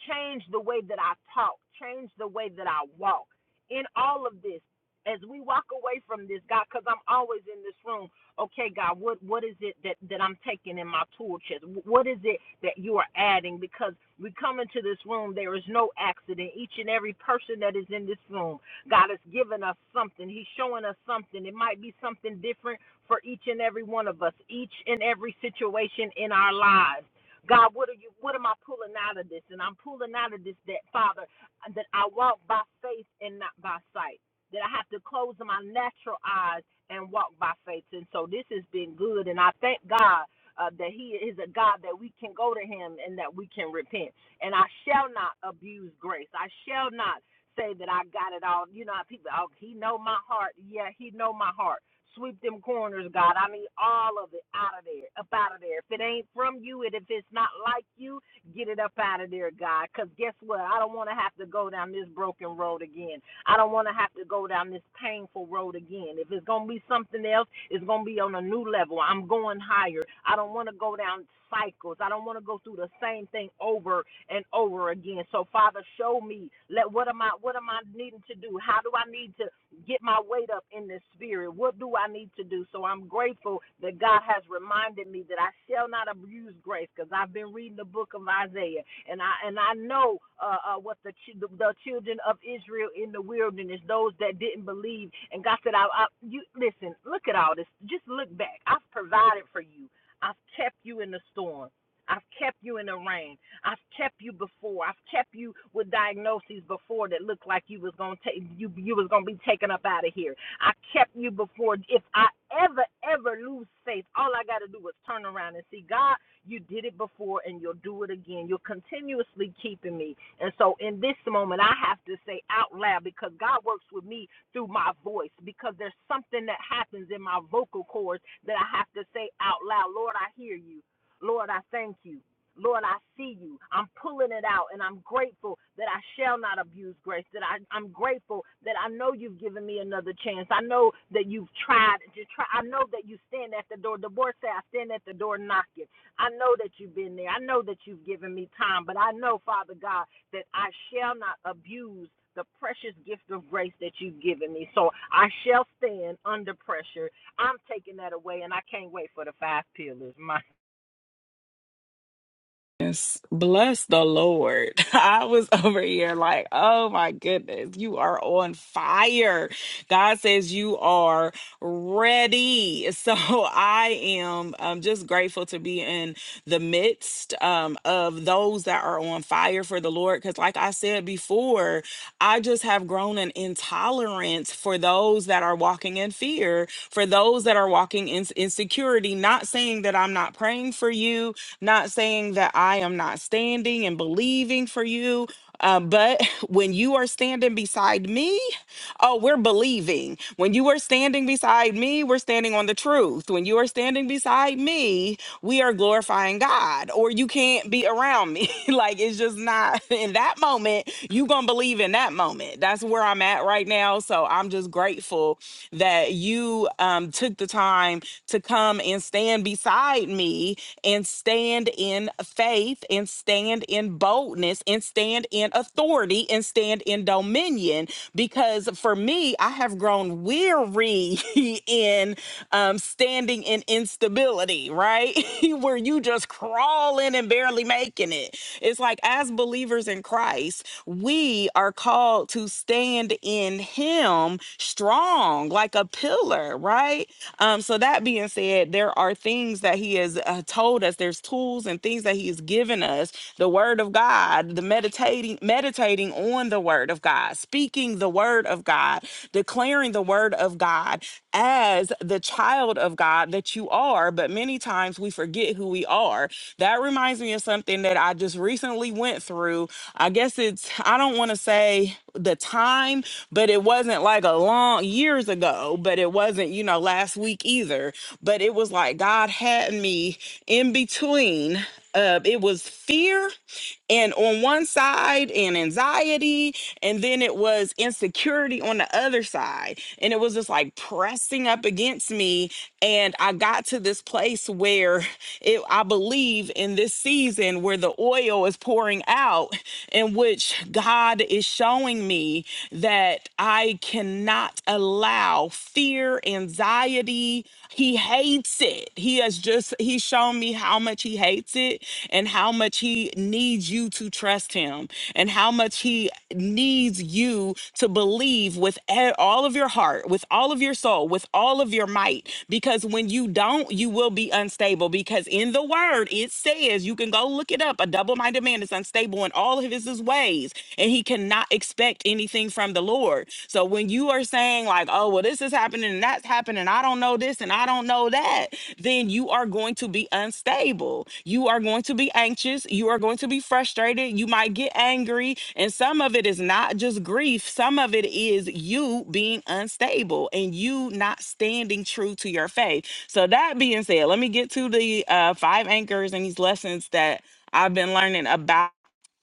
Speaker 2: Change the way that I talk. Change the way that I walk. In all of this, as we walk away from this, God, because I'm always in this room okay god what what is it that that i'm taking in my tool chest what is it that you are adding because we come into this room there is no accident each and every person that is in this room god has given us something he's showing us something it might be something different for each and every one of us each and every situation in our lives God, what are you what am I pulling out of this? And I'm pulling out of this that Father that I walk by faith and not by sight. That I have to close my natural eyes and walk by faith. And so this has been good. And I thank God uh, that He is a God that we can go to Him and that we can repent. And I shall not abuse grace. I shall not say that I got it all. You know, people, oh, He know my heart. Yeah, He know my heart. Sweep them corners, God. I need all of it out of there, up out of there. If it ain't from you, and if it's not like you, get it up out of there, God. Because guess what? I don't want to have to go down this broken road again. I don't want to have to go down this painful road again. If it's going to be something else, it's going to be on a new level. I'm going higher. I don't want to go down cycles. I don't want to go through the same thing over and over again. So Father, show me. Let what am I what am I needing to do? How do I need to get my weight up in the spirit. What do I need to do? So I'm grateful that God has reminded me that I shall not abuse grace because I've been reading the book of Isaiah and I and I know uh, uh, what the, chi- the the children of Israel in the wilderness, those that didn't believe, and God said, I, I you listen, look at all this. Just look back. I've provided for you. I've kept you in the storm. I've kept you in the rain. I've kept you before. I've kept you with diagnoses before that looked like you was gonna take you you was gonna be taken up out of here. I kept you before. If I ever ever lose faith, all I got to do is turn around and see God. You did it before, and you'll do it again. You're continuously keeping me, and so in this moment, I have to say out loud because God works with me through my voice. Because there's something that happens in my vocal cords that I have to say out loud. Lord, I hear you. Lord, I thank you. Lord, I see you. I'm pulling it out, and I'm grateful that I shall not abuse grace. That I, I'm grateful that I know you've given me another chance. I know that you've tried. You try. I know that you stand at the door. The board say, "I stand at the door knocking." I know that you've been there. I know that you've given me time, but I know, Father God, that I shall not abuse the precious gift of grace that you've given me. So I shall stand under pressure. I'm taking that away, and I can't wait for the five pillars. My.
Speaker 1: Yes. Bless the Lord. I was over here like, oh my goodness, you are on fire. God says you are ready. So I am um, just grateful to be in the midst um, of those that are on fire for the Lord. Because, like I said before, I just have grown an intolerance for those that are walking in fear, for those that are walking in insecurity. Not saying that I'm not praying for you, not saying that I am not standing and believing for you. uh, but when you are standing beside me, Oh, we're believing. When you are standing beside me, we're standing on the truth. When you are standing beside me, we are glorifying God, or you can't be around me. like it's just not in that moment, you gonna believe in that moment. That's where I'm at right now. So I'm just grateful that you um took the time to come and stand beside me and stand in faith and stand in boldness and stand in authority and stand in dominion because for me, I have grown weary in um, standing in instability, right? Where you just crawling and barely making it. It's like as believers in Christ, we are called to stand in Him strong, like a pillar, right? Um, so that being said, there are things that He has uh, told us. There's tools and things that He has given us. The Word of God, the meditating meditating meditating on the word of God, speaking the word of God, declaring the word of God as the child of God that you are, but many times we forget who we are. That reminds me of something that I just recently went through. I guess it's I don't want to say the time, but it wasn't like a long years ago, but it wasn't, you know, last week either, but it was like God had me in between uh it was fear and on one side and anxiety and then it was insecurity on the other side and it was just like pressing up against me and i got to this place where it i believe in this season where the oil is pouring out in which god is showing me that i cannot allow fear anxiety anxiety. He hates it. He has just, he's shown me how much he hates it and how much he needs you to trust him and how much he needs you to believe with e- all of your heart, with all of your soul, with all of your might. Because when you don't, you will be unstable. Because in the word, it says, you can go look it up. A double minded man is unstable in all of his is his ways and he cannot expect anything from the Lord. So when you are saying, like, oh, well, this is happening and that's happening, I don't know this and I don't know that, then you are going to be unstable. You are going to be anxious. You are going to be frustrated. You might get angry. And some of it is not just grief, some of it is you being unstable and you not standing true to your faith. So, that being said, let me get to the uh, five anchors and these lessons that I've been learning about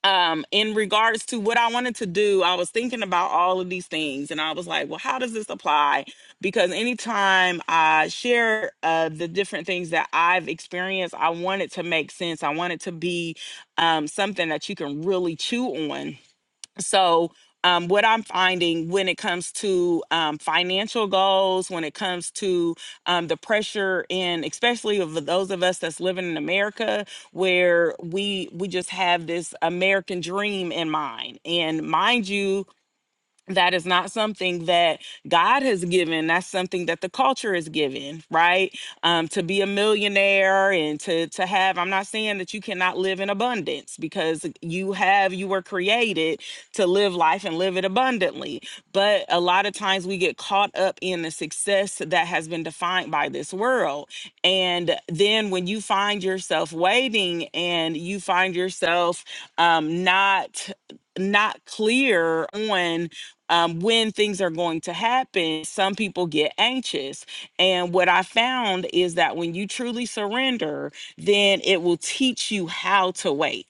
Speaker 1: um in regards to what I wanted to do, I was thinking about all of these things and I was like, well, how does this apply? Because anytime I share uh the different things that I've experienced, I want it to make sense. I want it to be um something that you can really chew on so um, what i'm finding when it comes to um, financial goals when it comes to um, the pressure and especially of those of us that's living in america where we we just have this american dream in mind and mind you that is not something that God has given. That's something that the culture is given, right? Um, to be a millionaire and to to have. I'm not saying that you cannot live in abundance because you have. You were created to live life and live it abundantly. But a lot of times we get caught up in the success that has been defined by this world, and then when you find yourself waiting and you find yourself um, not not clear on um, when things are going to happen, some people get anxious. And what I found is that when you truly surrender, then it will teach you how to wait.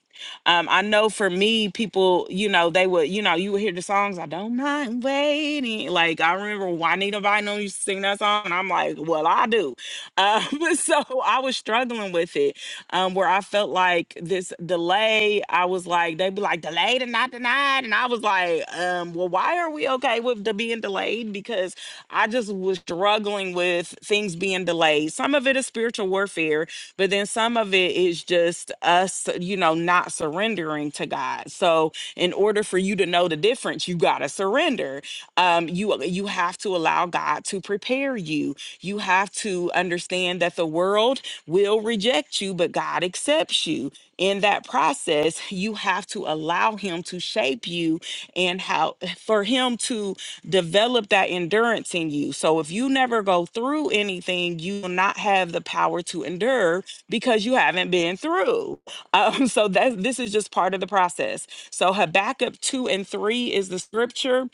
Speaker 1: Um, I know for me, people, you know, they would, you know, you would hear the songs, I don't mind waiting. Like, I remember Juanita Bynum used to sing that song, and I'm like, well, I do. Um, so I was struggling with it um, where I felt like this delay, I was like, they'd be like, delayed and not denied. And I was like, um, well, why are we okay with the being delayed? Because I just was struggling with things being delayed. Some of it is spiritual warfare, but then some of it is just us, you know, not surrendering to God. So, in order for you to know the difference, you got to surrender. Um, you you have to allow God to prepare you. You have to understand that the world will reject you, but God accepts you. In that process, you have to allow Him to shape you and how for Him him to develop that endurance in you. So if you never go through anything, you will not have the power to endure because you haven't been through. Um, so that this is just part of the process. So Habakkuk 2 and 3 is the scripture.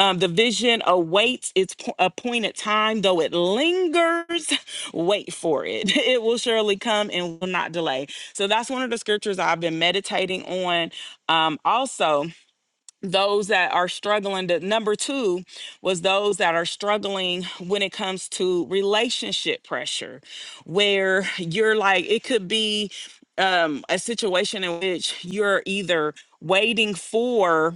Speaker 1: Um, the vision awaits its po- appointed time, though it lingers, wait for it. It will surely come and will not delay. So that's one of the scriptures I've been meditating on. Um, also, those that are struggling the number two was those that are struggling when it comes to relationship pressure where you're like it could be um a situation in which you're either waiting for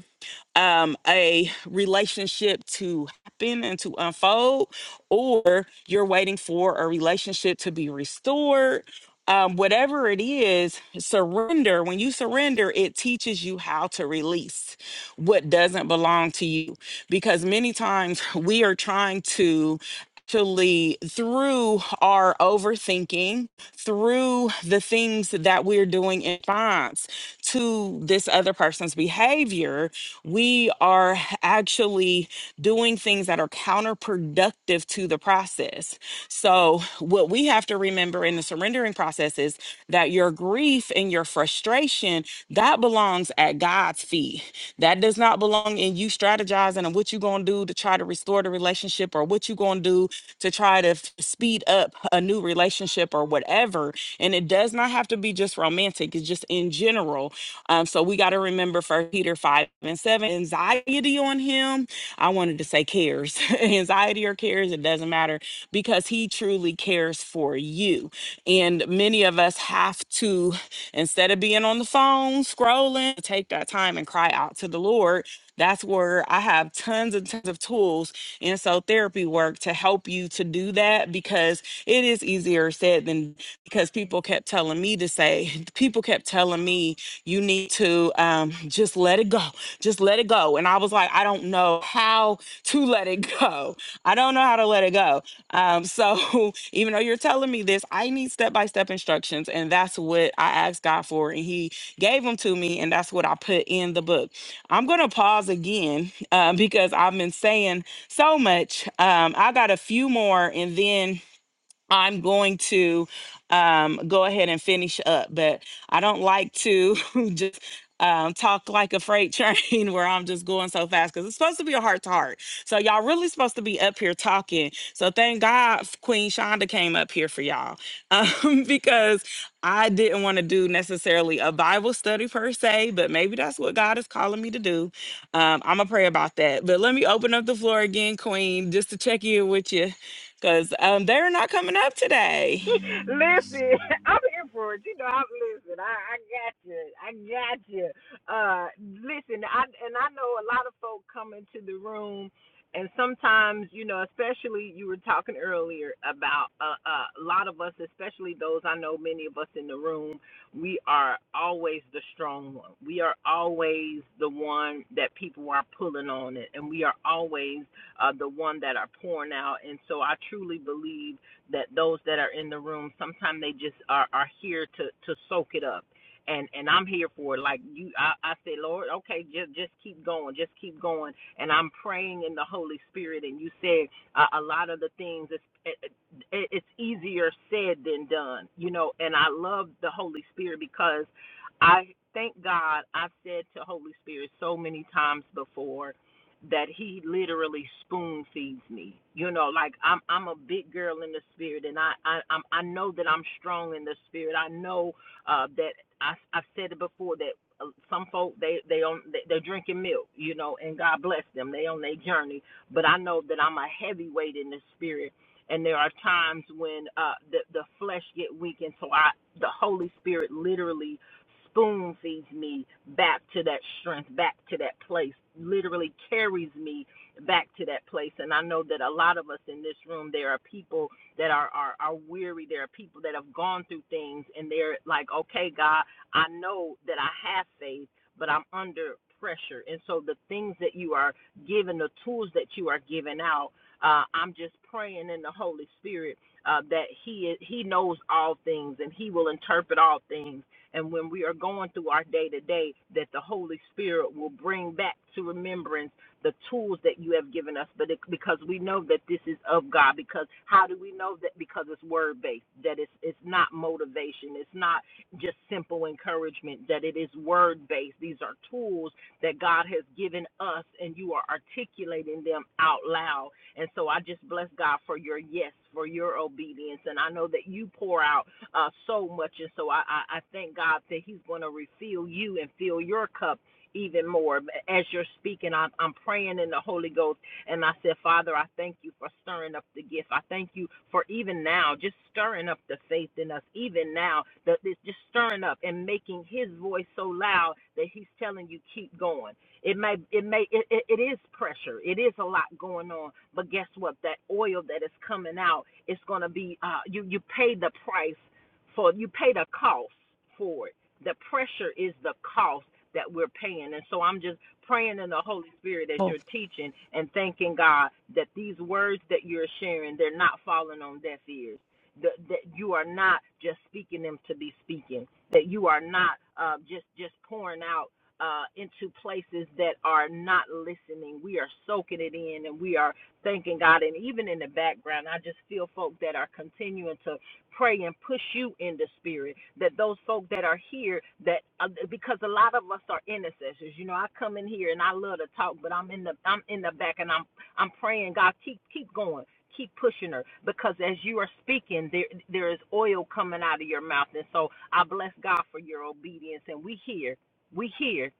Speaker 1: um, a relationship to happen and to unfold, or you're waiting for a relationship to be restored. Um, whatever it is, surrender. When you surrender, it teaches you how to release what doesn't belong to you. Because many times we are trying to actually through our overthinking through the things that we're doing in response to this other person's behavior we are actually doing things that are counterproductive to the process so what we have to remember in the surrendering process is that your grief and your frustration that belongs belongs at God's feet. That does not belong in you strategizing on what you're going to do to try to restore the relationship or what you're going to do to try to f- speed up a new relationship or whatever. And it does not have to be just romantic, it's just in general. Um, so we got to remember 1 Peter 5 and 7 anxiety on him. I wanted to say cares, anxiety or cares, it doesn't matter because He truly cares for you. And many of us have to, instead of being on the phone scrolling, take that time and cry out to the Lord. That's where I have tons and tons of tools in so therapy work to help you to do that because it is easier said than because people kept telling me to say, people kept telling me you need to. Um, um, just let it go. Just let it go. And I was like, I don't know how to let it go. I don't know how to let it go. Um, so even though you're telling me this, I need step by step instructions. And that's what I asked God for. And He gave them to me. And that's what I put in the book. I'm going to pause again uh, because I've been saying so much. Um, I got a few more and then. I'm going to um, go ahead and finish up, but I don't like to just um, talk like a freight train where I'm just going so fast because it's supposed to be a heart to heart. So y'all really supposed to be up here talking. So thank God f- Queen Shonda came up here for y'all um, because I didn't want to do necessarily a Bible study per se, but maybe that's what God is calling me to do. Um, I'm gonna pray about that. But let me open up the floor again, Queen, just to check in with you because um, they're not coming up today.
Speaker 2: listen, I'm here for it. You know, I'm listen. I, I got you. I got you. Uh, listen, I and I know a lot of folk come into the room, and sometimes, you know, especially you were talking earlier about uh, uh, a lot of us, especially those I know, many of us in the room, we are always the strong one. We are always the one that people are pulling on it, and we are always uh, the one that are pouring out. And so, I truly believe that those that are in the room sometimes they just are, are here to to soak it up and and i'm here for it like you i i say lord okay just just keep going just keep going and i'm praying in the holy spirit and you said uh, a lot of the things it's it, it- it's easier said than done you know and i love the holy spirit because i thank god i've said to holy spirit so many times before that he literally spoon feeds me. You know, like I'm I'm a big girl in the spirit, and I I I'm, I know that I'm strong in the spirit. I know uh, that I I've said it before that uh, some folk they they on they- they're drinking milk, you know, and God bless them. They on their journey, but I know that I'm a heavyweight in the spirit. And there are times when uh, the the flesh get weak, and so I the Holy Spirit literally spoon feeds me back to that strength, back to that place, literally carries me back to that place. And I know that a lot of us in this room, there are people that are, are, are weary. There are people that have gone through things and they're like, okay, God, I know that I have faith, but I'm under pressure. And so the things that you are giving, the tools that you are giving out, uh, I'm just praying in the Holy Spirit uh, that He is, He knows all things and He will interpret all things and when we are going through our day to day, that the Holy Spirit will bring back to remembrance the tools that you have given us, but it, because we know that this is of God. Because how do we know that? Because it's word based. That it's it's not motivation. It's not just simple encouragement. That it is word based. These are tools that God has given us, and you are articulating them out loud. And so I just bless God for your yes, for your obedience, and I know that you pour out uh, so much. And so I, I, I thank God that He's going to refill you and fill your cup even more. As you're speaking, I'm, I'm praying in the Holy Ghost. And I said, Father, I thank you for stirring up the gift. I thank you for even now just stirring up the faith in us, even now, the, this- just stirring up and making His voice so loud that He's telling you, keep going. It may, it may, it, it, it is pressure. It is a lot going on. But guess what? That oil that is coming out, it's gonna be. Uh, you you pay the price. For you pay the cost for it. The pressure is the cost that we're paying. And so I'm just praying in the Holy Spirit as
Speaker 1: Oh,
Speaker 2: you're teaching and thanking God that these words that you're sharing, they're not falling on deaf ears. That, that you are not just speaking them to be speaking. That you are not uh, just just pouring out uh, into places that are not listening. We are soaking it in, and we are thanking God. And even in the background, I just feel folk that are continuing to pray and push you in the spirit that those folk that are here that uh, because a lot of us are intercessors you know i come in here and i love to talk but i'm in the i'm in the back and i'm i'm praying god keep keep going keep pushing her because as you are speaking there there is oil coming out of your mouth and so i bless god for your obedience and we hear we hear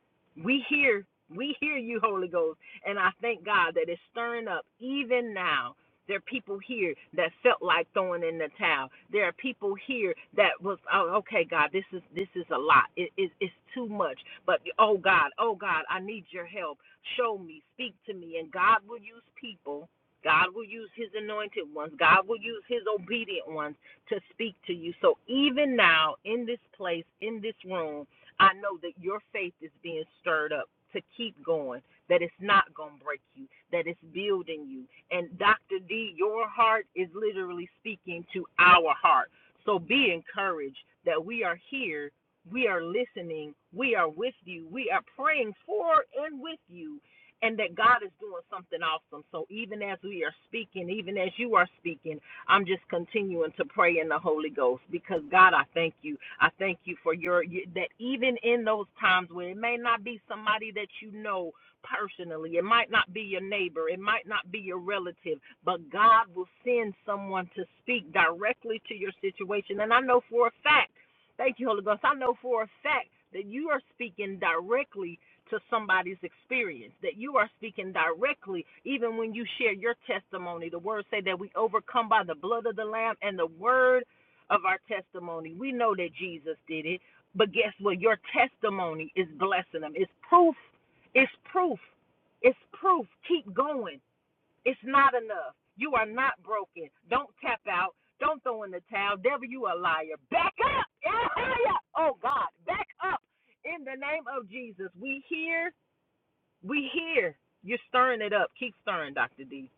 Speaker 2: we hear we hear you holy ghost and i thank god that it's stirring up even now there are people here that felt like throwing in the towel. There are people here that was, oh, okay, God, this is this is a lot. It, it, it's too much. But oh God, oh God, I need your help. Show me, speak to me, and God will use people. God will use His anointed ones. God will use His obedient ones to speak to you. So even now, in this place, in this room, I know that your faith is being stirred up to keep going that it's not going to break you, that it's building you. And Dr. D, your heart is literally speaking to our heart. So be encouraged that we are here, we are listening, we are with you, we are praying for and with you, and that God is doing something awesome. So even as we are speaking, even as you are speaking, I'm just continuing to pray in the Holy Ghost because God, I thank you. I thank you for your that even in those times where it may not be somebody that you know personally. It might not be your neighbor, it might not be your relative, but God will send someone to speak directly to your situation. And I know for a fact, thank you, Holy Ghost, I know for a fact that you are speaking directly to somebody's experience, that you are speaking directly, even when you share your testimony. The words say that we overcome by the blood of the Lamb and the word of our testimony. We know that Jesus did it, but guess what? Your testimony is blessing them. It's proof it's proof. It's proof. Keep going. It's not enough. You are not broken. Don't tap out. Don't throw in the towel. Devil, you a liar. Back up. Hallelujah. Oh God, back up. In the name of Jesus, we hear. We hear. You're stirring it up. Keep stirring, Dr. D.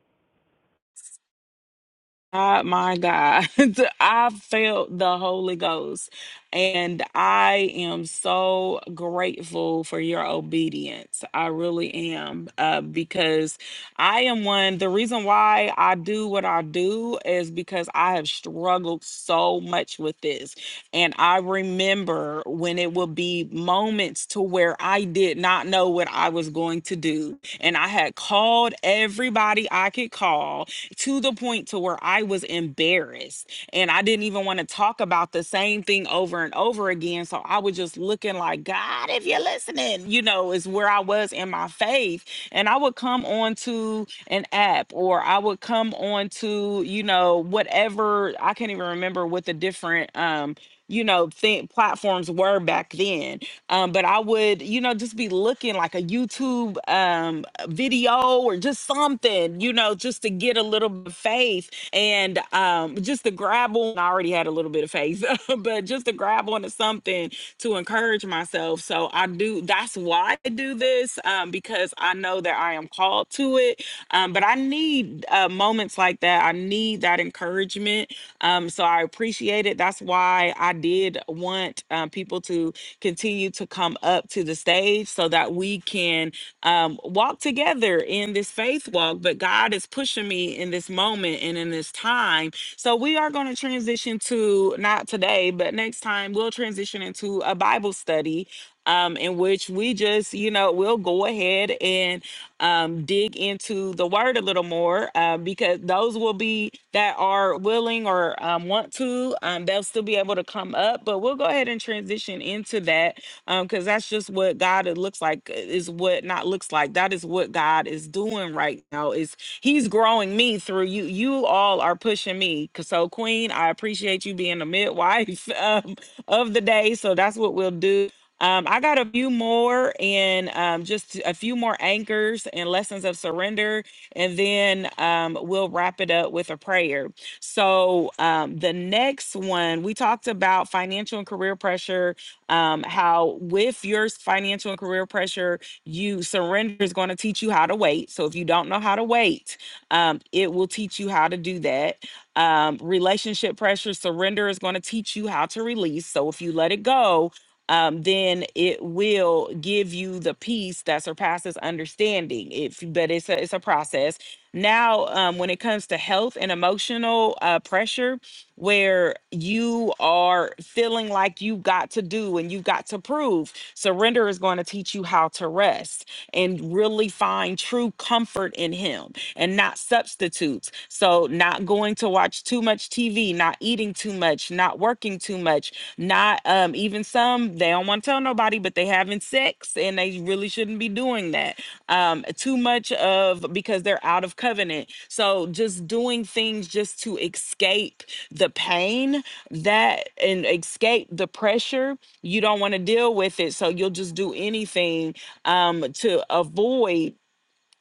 Speaker 1: Uh, my God, I felt the Holy Ghost, and I am so grateful for your obedience. I really am, uh, because I am one. The reason why I do what I do is because I have struggled so much with this, and I remember when it would be moments to to where I did not know what I was going to do. And I had called everybody I could call to the point to where I was embarrassed. And I didn't even want to talk about the same thing over and over again. So I was just looking like, God, if you're listening, you know, is where I was in my faith. And I would come on to an app or I would come on to, you know, whatever I can't even remember what the different um you know, think platforms were back then. Um, but I would, you know, just be looking like a YouTube um, video or just something, you know, just to get a little bit of faith and um, just to grab on. I already had a little bit of faith, but just to grab onto something to encourage myself. So I do, that's why I do this um, because I know that I am called to it. Um, but I need uh, moments like that. I need that encouragement um, so I appreciate it. That's why I did want um, people to continue to come up to the stage so that we can um, walk together in this faith walk. But God is pushing me in this moment and in this time. So we are going to transition to not today, but next time we'll transition into a Bible study um, in which we just, you know, we'll go ahead and um, dig into the word a little more uh, because those will be that are willing or um, want to, um, they'll still be able to come up. But we'll go ahead and transition into that because that's just what God it looks like uh, is what not looks like. That is what God is doing right now. Is He's growing me through you. You all are pushing me. So Queen, I appreciate you being the midwife um, of the day. So that's what we'll do. Um, I got a few more and um, just a few more anchors and lessons of surrender, and then um, we'll wrap it up with a prayer. So, um, the next one, we talked about financial and career pressure, um, how with your financial and career pressure, you surrender is going to teach you how to wait. So, if you don't know how to wait, um, it will teach you how to do that. Um, relationship pressure, surrender is going to teach you how to release. So, if you let it go, um, then it will give you the peace that surpasses understanding. If but it's a, it's a process. Now, um, when it comes to health and emotional uh, pressure, where you are feeling like you've got to do and you've got to prove. Surrender is going to teach you how to rest and really find true comfort in Him and not substitutes. So, not going to watch too much TV, not eating too much, not working too much, not um, even some, they don't don't want to tell nobody, but they having sex and they really shouldn't be doing that. Um, too much of because they're out of covenant. So just doing things just to escape the pain that and escape the pressure. You don't want to deal with it. So you'll just do anything um to avoid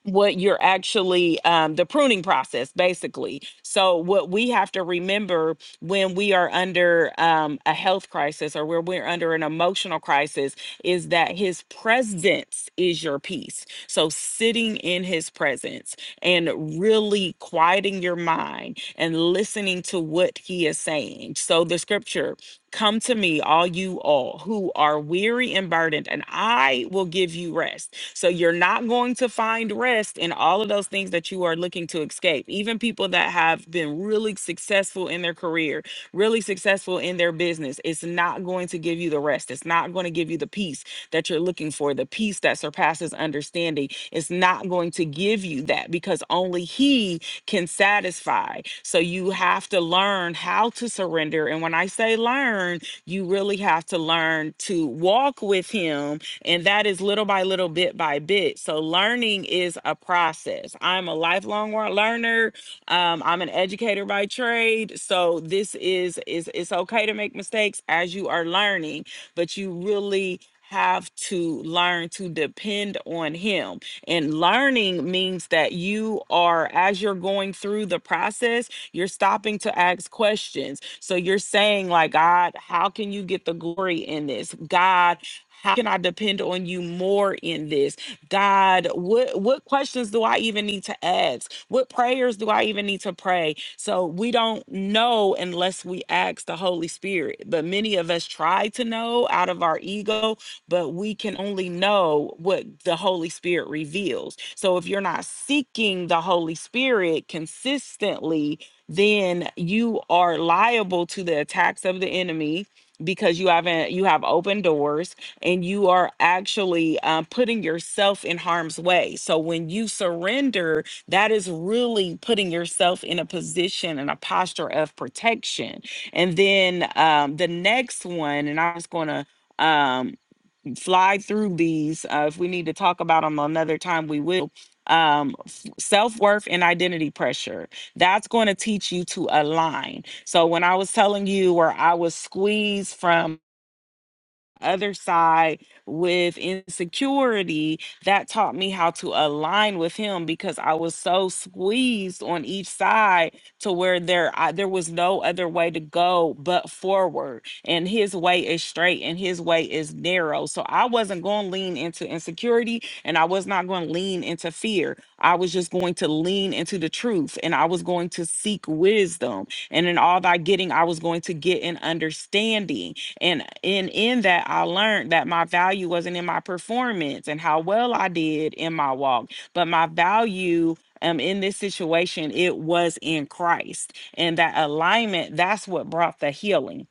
Speaker 1: what you're actually um, the pruning process basically so what we have to remember when we are under um, a health crisis or where we're under an emotional crisis is that his presence is your peace so sitting in his presence and really quieting your mind and listening to what he is saying so the scripture Come to me, all you all who are weary and burdened, and I will give you rest. So you're not going to find rest in all of those things that you are looking to escape. Even people that have been really successful in their career, really successful in their business, it's not going to give you the rest. It's not going to give you the peace that you're looking for, the peace that surpasses understanding. It's not going to give you that because only He can satisfy. So you have to learn how to surrender. And when I say learn, you really have to learn to walk with Him. And that is little by little, bit by bit. So learning is a process. I'm a lifelong wa- learner. Um, I'm an educator by trade, so this is is it's okay to make mistakes as you are learning, but you really have to learn to depend on him and learning means that you are, as you're going through the process, you're stopping to ask questions. So you're saying, like, God, how can you get the glory in this? God, how can I depend on you more in this? God, what what questions do I even need to ask? What prayers do I even need to pray? So we don't know unless we ask the Holy Spirit. But many of us try to know out of our ego but we can only know what the Holy Spirit reveals. So if you're not seeking the Holy Spirit consistently, then you are liable to the attacks of the enemy because you haven't you have open doors and you are actually um, putting yourself in harm's way so when you surrender that is really putting yourself in a position and a posture of protection and then um, the next one and i was going to fly through these. Uh, if we need to talk about them another time, we will. Um, f- self-worth and identity pressure. That's going to teach you to align. So when I was telling you where I was squeezed from other side with insecurity that taught me how to align with him because I was so squeezed on each side to where there I, there was no other way to go but forward and his way is straight and his way is narrow so I wasn't going to lean into insecurity and I was not going to lean into fear I was just going to lean into the truth and I was going to seek wisdom and in all thy getting I was going to get an understanding and in in that i learned that my value wasn't in my performance and how well i did in my walk but my value um, in this situation, it was in Christ and that alignment. That's what brought the healing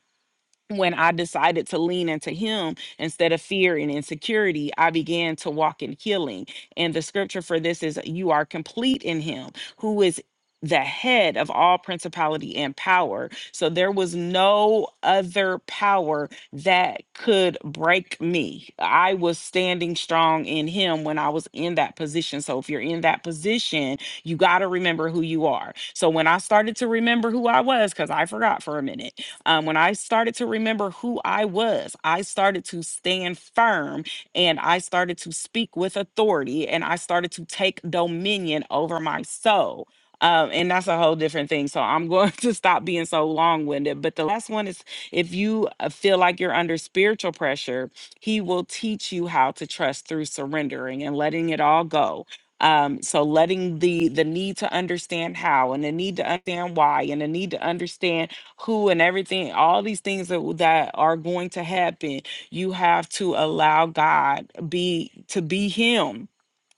Speaker 1: when I decided to lean into Him instead of fear and insecurity, I began to walk in healing. And the scripture for this is You are complete in Him, who is the head of all principality and power. So there was no other power that could break me. I was standing strong in Him when I was in that position. So if you're in that position, you got to remember who you are. So when I started to remember who I was, because I forgot for a minute um, when I started to remember who I was, I started to stand firm and I started to speak with authority and I started to take dominion over my soul. Um, and that's a whole different thing. So I'm going to stop being so long winded. But the last one is if you uh, feel like you're under spiritual pressure, he will teach you how to trust through surrendering and letting it all go um so letting the the need to understand how and the need to understand why and the need to understand who and everything, all these things that, w- that are going to happen. You have to allow God be to be him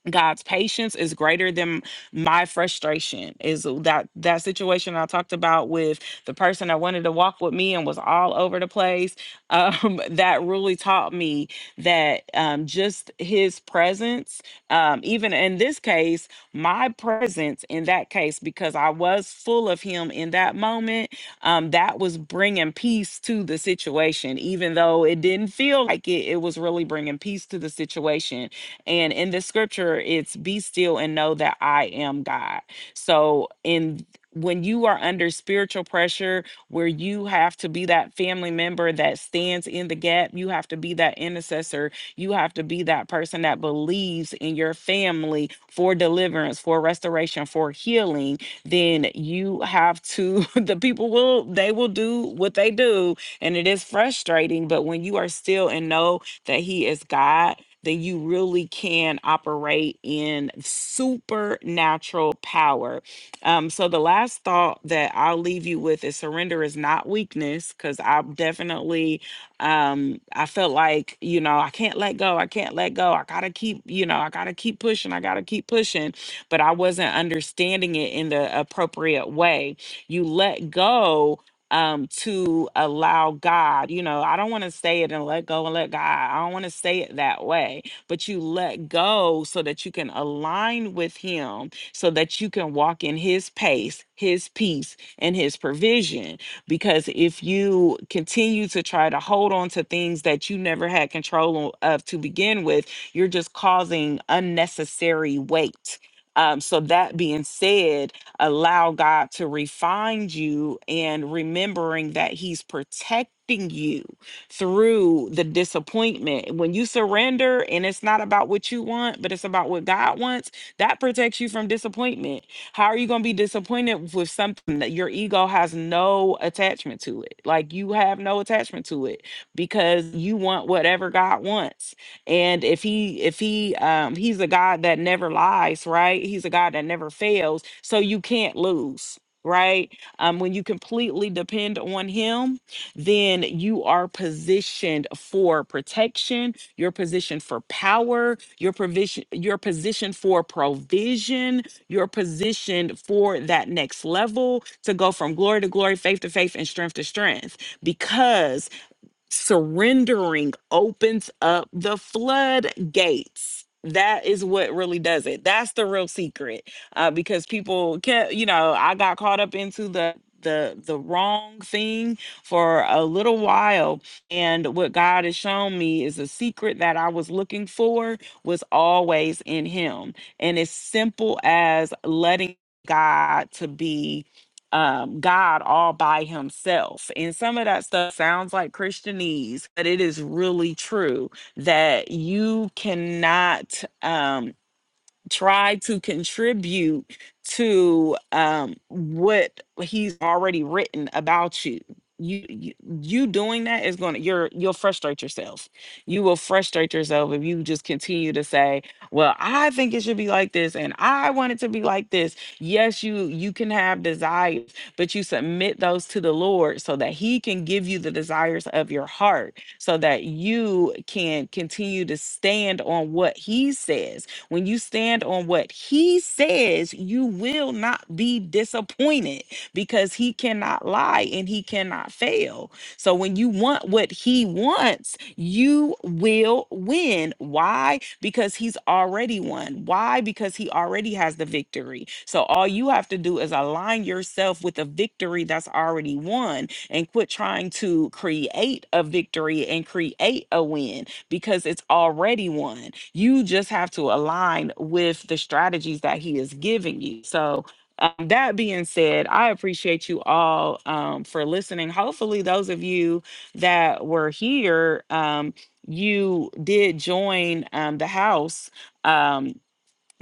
Speaker 1: God's patience is greater than my frustration. Is that that situation I talked about with the person that wanted to walk with me and was all over the place? Um, that really taught me that um, just His presence, um, even in this case, my presence in that case, because I was full of Him in that moment, um, that was bringing peace to the situation. Even though it didn't feel like it, it was really bringing peace to the situation and in the scripture, it's be still and know that I am God. So in when you are under spiritual pressure where you have to be that family member that stands in the gap, you have to be that intercessor, you have to be that person that believes in your family for deliverance, for restoration, for healing, then you have to the people will they will do what they do and it is frustrating, but when you are still and know that he is God then you really can operate in supernatural power. Um, so the last thought that I'll leave you with is surrender is not weakness, because I definitely um I felt like, you know, I can't let go, I can't let go. I gotta keep, you know, I gotta keep pushing, I gotta keep pushing, but I wasn't understanding it in the appropriate way. You let go um to allow God, you know, I don't want to say it and let go and let God. I don't want to say it that way, but you let go so that you can align with him so that you can walk in his pace, his peace and his provision because if you continue to try to hold on to things that you never had control o- of to begin with, you're just causing unnecessary weight. Um, so that being said, allow God to refine you and remembering that He's protecting you through the disappointment. When you surrender and it's not about what you want, but it's about what God wants, that protects you from disappointment. How are you going to be disappointed with something that your ego has no attachment to it? Like you have no attachment to it because you want whatever God wants and if he if he um he's a god that never lies right he's a god that never fails so you can't lose right um when you completely depend on him then you are positioned for protection you're positioned for power your provision your position for provision you're positioned for that next level to go from glory to glory faith to faith and strength to strength because surrendering opens up the floodgates. That is what really does it. That's the real secret. Uh, because people can you know, I got caught up into the the the wrong thing for a little while and what God has shown me is a secret that I was looking for was always in him and as simple as letting God to be um, God all by himself. And some of that stuff sounds like Christianese, but it is really true that you cannot. Um, try to contribute to um, what he's already written about you. You, you you doing that is going to you're you'll frustrate yourself you will frustrate yourself if you just continue to say well i think it should be like this and i want it to be like this yes you you can have desires but you submit those to the lord so that he can give you the desires of your heart so that you can continue to stand on what he says when you stand on what he says, you will not be disappointed because he cannot lie and he cannot fail. So when you want what he wants, you will win. Why? Because he's already won. Why? Because he already has the victory. So all you have to do is align yourself with a victory that's already won and quit trying to create a victory and create a win because it's already won. You just have to align with the strategies that He is giving you. So, um, that being said, I appreciate you all um, for listening. Hopefully, those of you that were here, um, you did join um, the house. um,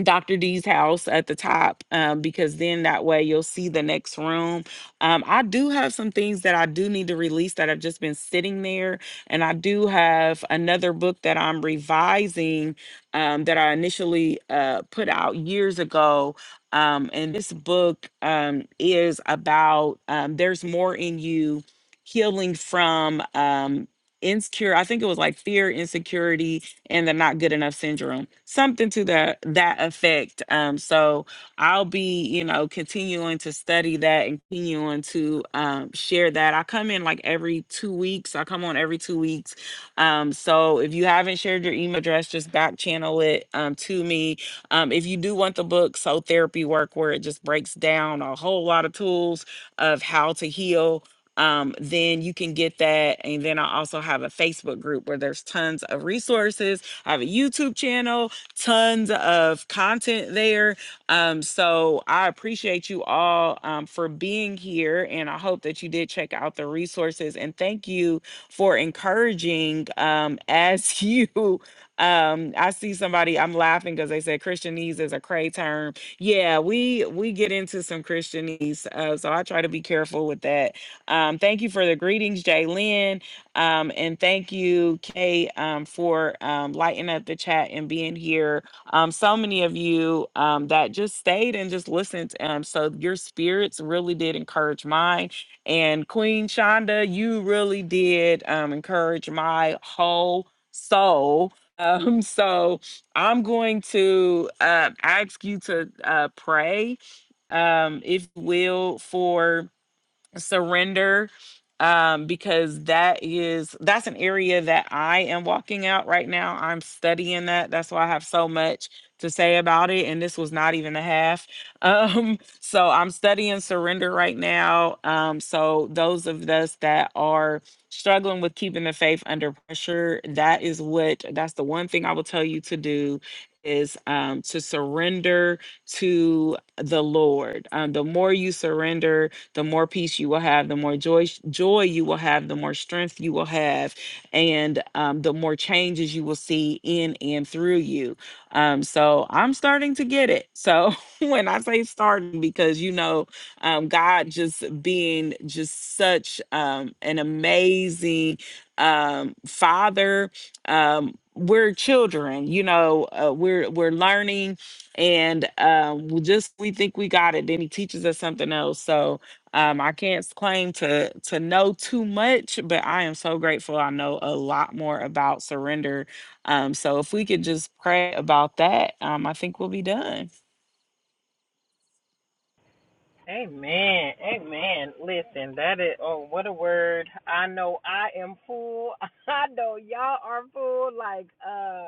Speaker 1: Dr. D's house at the top um, because then that way you'll see the next room. Um, I do have some things that I do need to release that have just been sitting there. And I do have another book that I'm revising um, that I initially uh, put out years ago. Um, and this book um, is about um, There's More in You healing from. Um, insecure i think it was like fear insecurity and the not good enough syndrome, something to the that effect. Um, so I'll be, you know, continuing to study that and continuing to um, share that. I come in like every two weeks. I come on every two weeks. Um, so if you haven't shared your email address, just back channel it um, to me. Um, if you do want the book, So Therapy Work, where it just breaks down a whole lot of tools of how to heal um, then you can get that. And then I also have a Facebook group where there's tons of resources. I have a YouTube channel, tons of content there. Um, so I appreciate you all um, for being here. And I hope that you did check out the resources. And thank you for encouraging um, as you. Um, I see somebody, I'm laughing because they said Christianese is a cray term. Yeah, we we get into some Christianese. Uh, so I try to be careful with that um, thank you for the greetings, Jaylyn, Um, and thank you, Kay, um, for um, lighting up the chat and being here. Um, so many of you um, that just stayed and just listened. Um, so your spirits really did encourage mine. And Queen Shonda, you really did um, encourage my whole soul. Um, so I'm going to uh, ask you to uh, pray, um, if you will, for surrender um because that is that's an area that I am walking out right now. I'm studying that. That's why I have so much to say about it and this was not even a half. Um so I'm studying surrender right now. Um so those of us that are struggling with keeping the faith under pressure, that is what that's the one thing I will tell you to do is um to surrender to the Lord. Um the more you surrender the more peace you will have, the more joy joy you will have, the more strength you will have, and um, the more changes you will see in and through you. Um, so I'm starting to get it. So when I say starting, because you know, um, God just being just such um, an amazing um, father. Um, we're children, you know. Uh, we're we're learning, and um, we just we think we got it. Then he teaches us something else. So um, I can't claim to to know too much, but I am so grateful I know a lot more about surrender. Um, so if we could just pray about that, um, I think we'll be done.
Speaker 2: Amen. Amen. Listen, that is oh what a word. I know I am full. I know y'all are full. Like uh.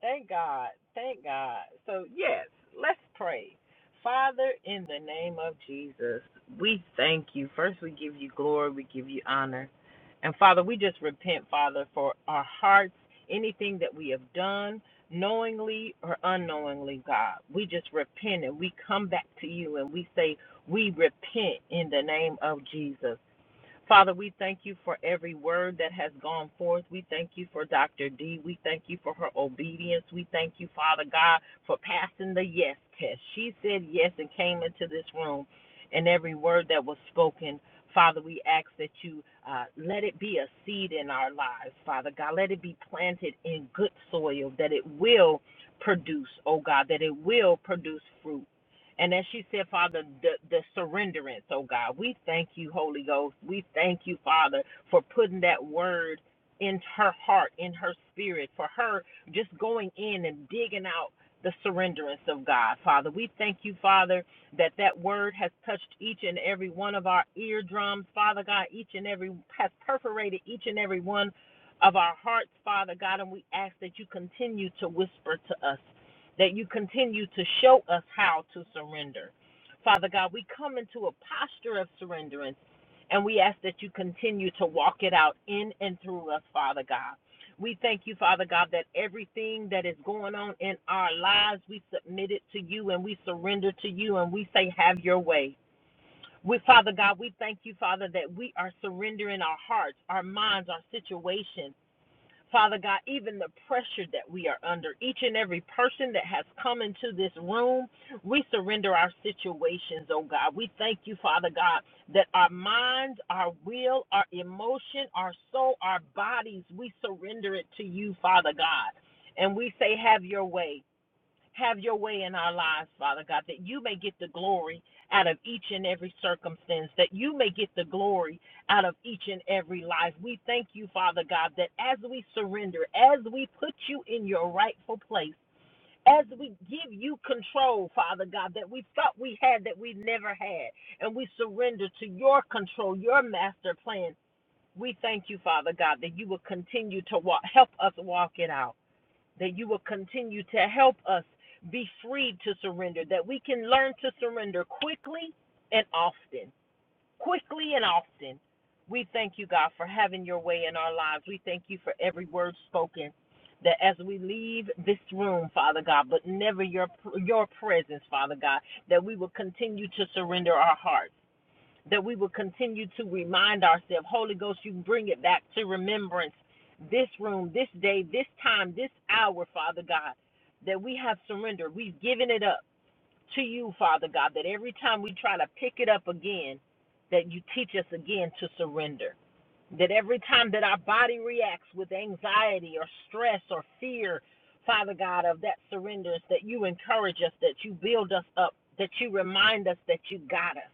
Speaker 2: Thank God. Thank God. So, yes, let's pray. Father, in the name of Jesus, we thank you. First, we give you glory, we give you honor. And Father, we just repent, Father, for our hearts, anything that we have done, knowingly or unknowingly, God. We just repent and we come back to you and we say, We repent in the name of Jesus. Father, we thank you for every word that has gone forth. We thank you for Dr. D. We thank you for her obedience. We thank you, Father God, for passing the yes test. She said yes and came into this room, and every word that was spoken. Father, we ask that you uh, let it be a seed in our lives, Father God. Let it be planted in good soil, that it will produce, oh God, that it will produce fruit. And as she said, Father, the, the surrenderance, oh God, we thank you, Holy Ghost. We thank you, Father, for putting that word in her heart, in her spirit, for her just going in and digging out the surrenderance of God, Father. We thank you, Father, that that word has touched each and every one of our eardrums, Father God, each and every, has perforated each and every one of our hearts, Father God, and we ask that you continue to whisper to us that you continue to show us how to surrender. Father God, we come into a posture of surrenderance and we ask that you continue to walk it out in and through us, Father God. We thank you, Father God, that everything that is going on in our lives, we submit it to you and we surrender to you and we say, Have your way. We, Father God, we thank you, Father, that we are surrendering our hearts, our minds, our situations. Father God, even the pressure that we are under, each and every person that has come into this room, we surrender our situations, oh God. We thank you, Father God, that our minds, our will, our emotion, our soul, our bodies, we surrender it to you, Father God. And we say, Have your way. Have your way in our lives, Father God, that you may get the glory out of each and every circumstance, that you may get the glory out of each and every life. We thank you, Father God, that as we surrender, as we put you in your rightful place, as we give you control, Father God, that we thought we had that we never had, and we surrender to your control, your master plan. We thank you, Father God, that you will continue to walk, help us walk it out that you will continue to help us be free to surrender, that we can learn to surrender quickly and often. Quickly and often. We thank you, God, for having your way in our lives. We thank you for every word spoken. That as we leave this room, Father God, but never your your presence, Father God, that we will continue to surrender our hearts that we will continue to remind ourselves. Holy Ghost, you bring it back to remembrance this room, this day, this time, this hour, Father God, that we have surrendered. We've given it up to you, Father God, that every time we try to pick it up again, that you teach us again to surrender that every time that our body reacts with anxiety or stress or fear, Father God, of that surrenders, that you encourage us, that you build us up, that you remind us that you got us,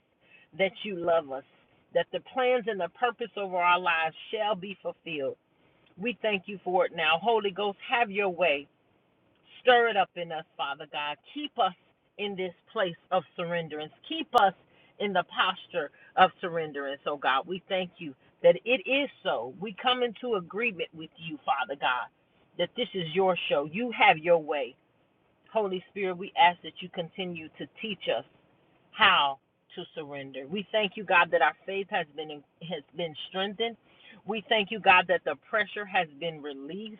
Speaker 2: that you love us, that the plans and the purpose over our lives shall be fulfilled. We thank you for it now. Holy Ghost, have your way. Stir it up in us, Father God. Keep us in this place of surrenderance. Keep us in the posture of surrenderance, oh God. We thank you that it is so. We come into agreement with you, Father God, that this is your show. You have your way. Holy Spirit, we ask that you continue to teach us how to surrender. We thank you, God, that our faith has been has been strengthened. We thank you, God, that the pressure has been released.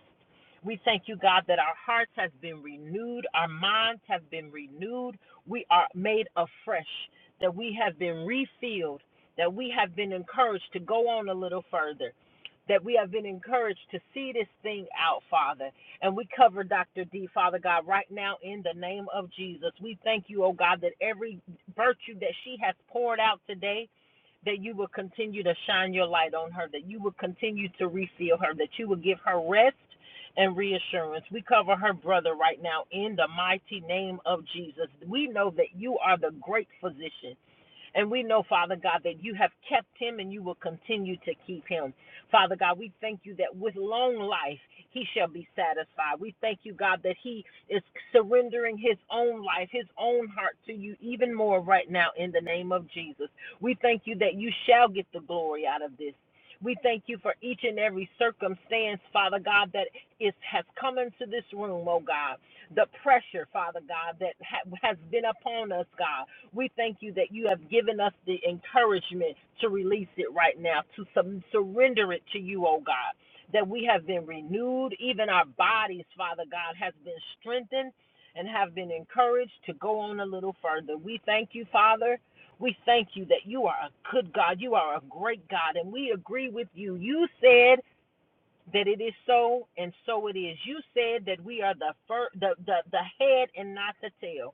Speaker 2: We thank you, God, that our hearts has been renewed, our minds have been renewed. We are made afresh, that we have been refilled, that we have been encouraged to go on a little further, that we have been encouraged to see this thing out, Father. And we cover Dr. D, Father God, right now in the name of Jesus. We thank you, oh God, that every virtue that she has poured out today, that you will continue to shine your light on her, that you will continue to refill her, that you will give her rest and reassurance. We cover her brother right now in the mighty name of Jesus. We know that you are the great physician. And we know, Father God, that you have kept him and you will continue to keep him. Father God, we thank you that with long life he shall be satisfied. We thank you, God, that he is surrendering his own life, his own heart to you even more right now in the name of Jesus. We thank you that you shall get the glory out of this. We thank you for each and every circumstance, Father God, that is has come into this room, oh God the pressure, Father God, that ha- has been upon us, God. We thank you that you have given us the encouragement to release it right now, to sub- surrender it to you, oh God. That we have been renewed, even our bodies, Father God, has been strengthened and have been encouraged to go on a little further. We thank you, Father. We thank you that you are a good God. You are a great God. And we agree with you. You said that it is so and so it is you said that we are the first, the, the the head and not the tail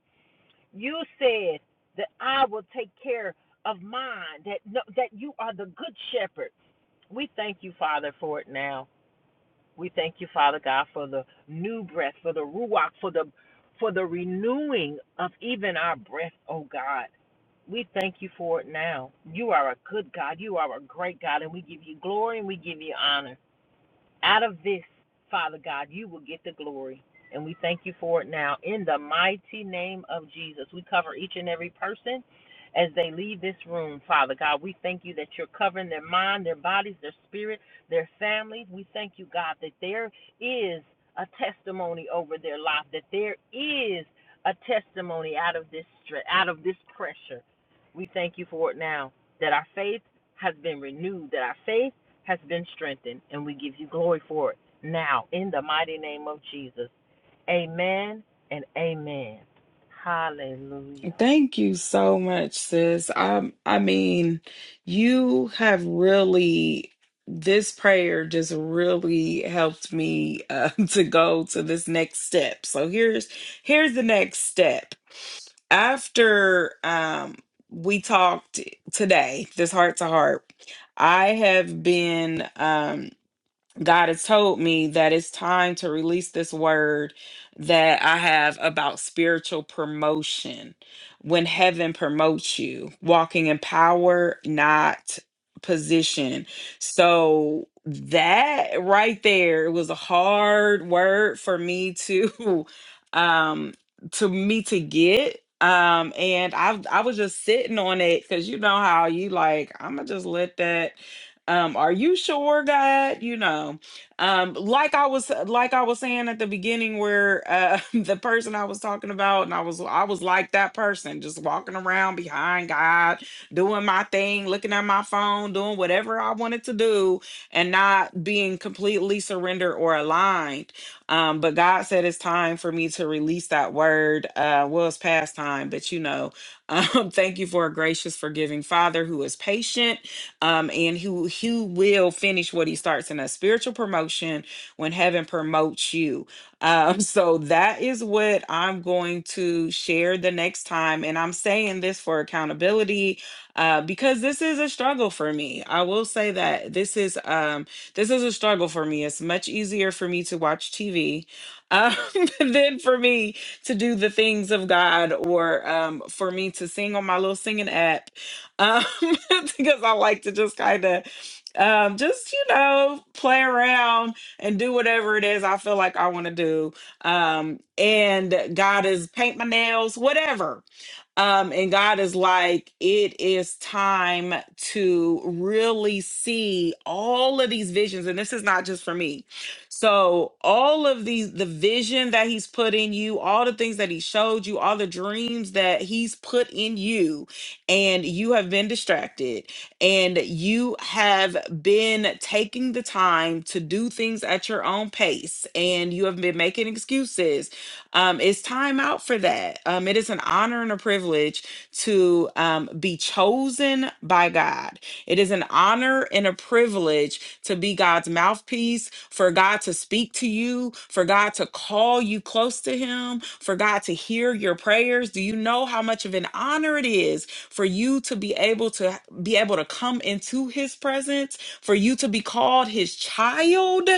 Speaker 2: you said that i will take care of mine that no, that you are the good shepherd we thank you father for it now we thank you father god for the new breath for the ruach for the for the renewing of even our breath oh god we thank you for it now. You are a good God. You are a great God. And we give you glory and we give you honor. Out of this, Father God, you will get the glory. And we thank you for it now. In the mighty name of Jesus, we cover each and every person as they leave this room, Father God. We thank you that you're covering their mind, their bodies, their spirit, their families. We thank you, God, that there is a testimony over their life, that there is a testimony out of this stress, out of this pressure. We thank you for it now, that our faith has been renewed, that our faith has been strengthened, and we give you glory for it now in the mighty name of Jesus. Amen and amen. Hallelujah.
Speaker 1: Thank you so much, sis. I I mean, you have really this prayer just really helped me uh, to go to this next step. So here's here's the next step. After um we talked today, this heart to heart, I have been um God has told me that it's time to release this word that I have about spiritual promotion. When heaven promotes you, walking in power, not position. So that right there it was a hard word for me to um to me to get um and I I was just sitting on it cuz you know how you like I'm gonna just let that um are you sure god you know um like i was uh, like i was saying at the beginning where uh the person i was talking about and i was i was like that person just walking around behind god doing my thing looking at my phone doing whatever i wanted to do and not being completely surrendered or aligned um but god said it's time for me to release that word uh well it's past time but you know um thank you for a gracious forgiving father who is patient um, and who who will finish what he starts in a spiritual promotion when heaven promotes you. Um, so that is what I'm going to share the next time, and I'm saying this for accountability uh, because this is a struggle for me. I will say that this is um, this is a struggle for me. It's much easier for me to watch TV um, than for me to do the things of God or um, for me to sing on my little singing app um, because I like to just kind of um, just you know play around and do whatever it is I feel like I want to do. Um, and God is paint my nails, whatever. Um, and God is like, it is time to really see all of these visions. And this is not just for me. So, all of these, the vision that He's put in you, all the things that He showed you, all the dreams that He's put in you, and you have been distracted and you have been taking the time to do things at your own pace and you have been making excuses, um, it's time out for that. Um, it is an honor and a privilege to um, be chosen by God it is an honor and a privilege to be God's mouthpiece, for God to speak to you, for God to call you close to Him, for God to hear your prayers. Do you know how much of an honor it is for you to be able to be able to come into His presence, for you to be called His child?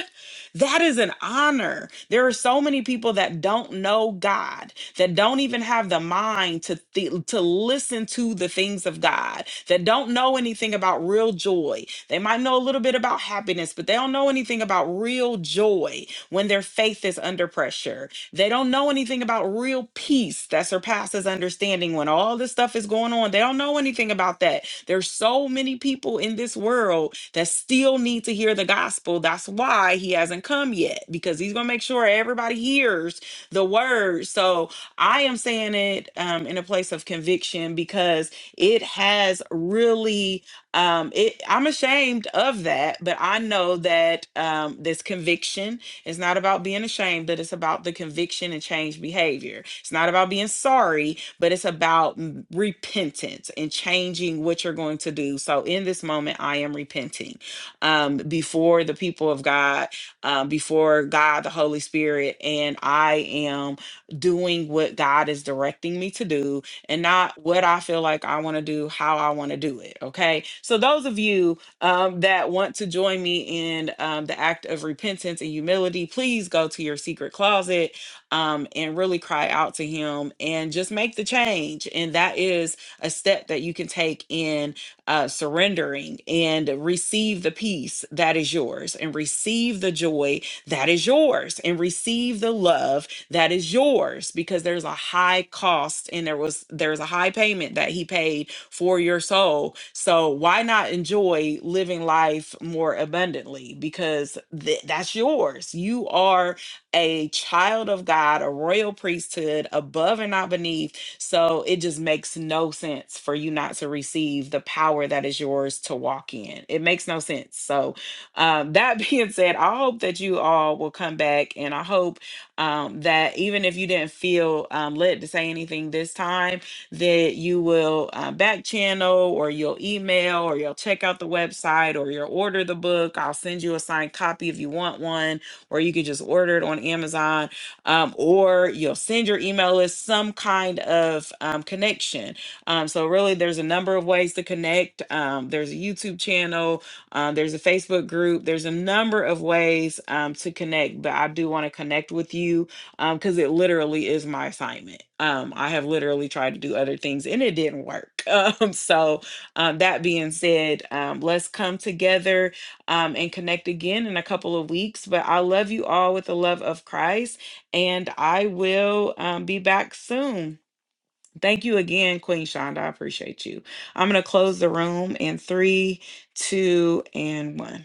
Speaker 1: That is an honor. There are so many people that don't know God, that don't even have the mind to th- to listen to the things of God, that don't know anything about real joy. They might know a little bit about happiness, but they don't know anything about real joy when their faith is under pressure they don't know anything about real peace that surpasses understanding when all this stuff is going on. They don't know anything about that. There's so many people in this world that still need to hear the gospel. That's why he hasn't come yet, because he's going to make sure everybody hears the word. So I am saying it um, in a place of conviction because it has really um it i'm ashamed of that but i know that um this conviction it's not about being ashamed, but it's about the conviction and change behavior. It's not about being sorry, but it's about mm, repentance and changing what you're going to do. So in this moment, I am repenting um, before the people of God, um, before God, the Holy Spirit, and I am doing what God is directing me to do and not what I feel like I want to do, how I want to do it. Okay. So those of you um, that want to join me in um, the act of repentance and humility, please go to your secret closet um, and really cry out to Him and just make the change. And that is a step that you can take in uh, surrendering and receive the peace that is yours, and receive the joy that is yours, and receive the love that is yours, because there's a high cost and there was there's a high payment that He paid for your soul. So why not enjoy living life more abundantly? Because th- that's yours. You are a child of God, a royal priesthood, above and not beneath. So it just makes no sense for you not to receive the power that is yours to walk in. It makes no sense. So, um, that being said, I hope that you all will come back and I hope um, that even if you didn't feel um, led to say anything this time, that you will uh, back channel or you'll email or you'll check out the website or you'll order the book. I'll send you a signed copy if you want one, or you could just order it on Amazon, um, or you'll send your email list some kind of um, connection. Um, so, really, there's a number of ways to connect. Um, there's a YouTube channel, um, there's a Facebook group, there's a number of ways um, to connect, but I do want to connect with you um because it literally is my assignment um i have literally tried to do other things and it didn't work um so um that being said um let's come together um and connect again in a couple of weeks but i love you all with the love of christ and i will um, be back soon thank you again queen shonda i appreciate you i'm gonna close the room in three two and one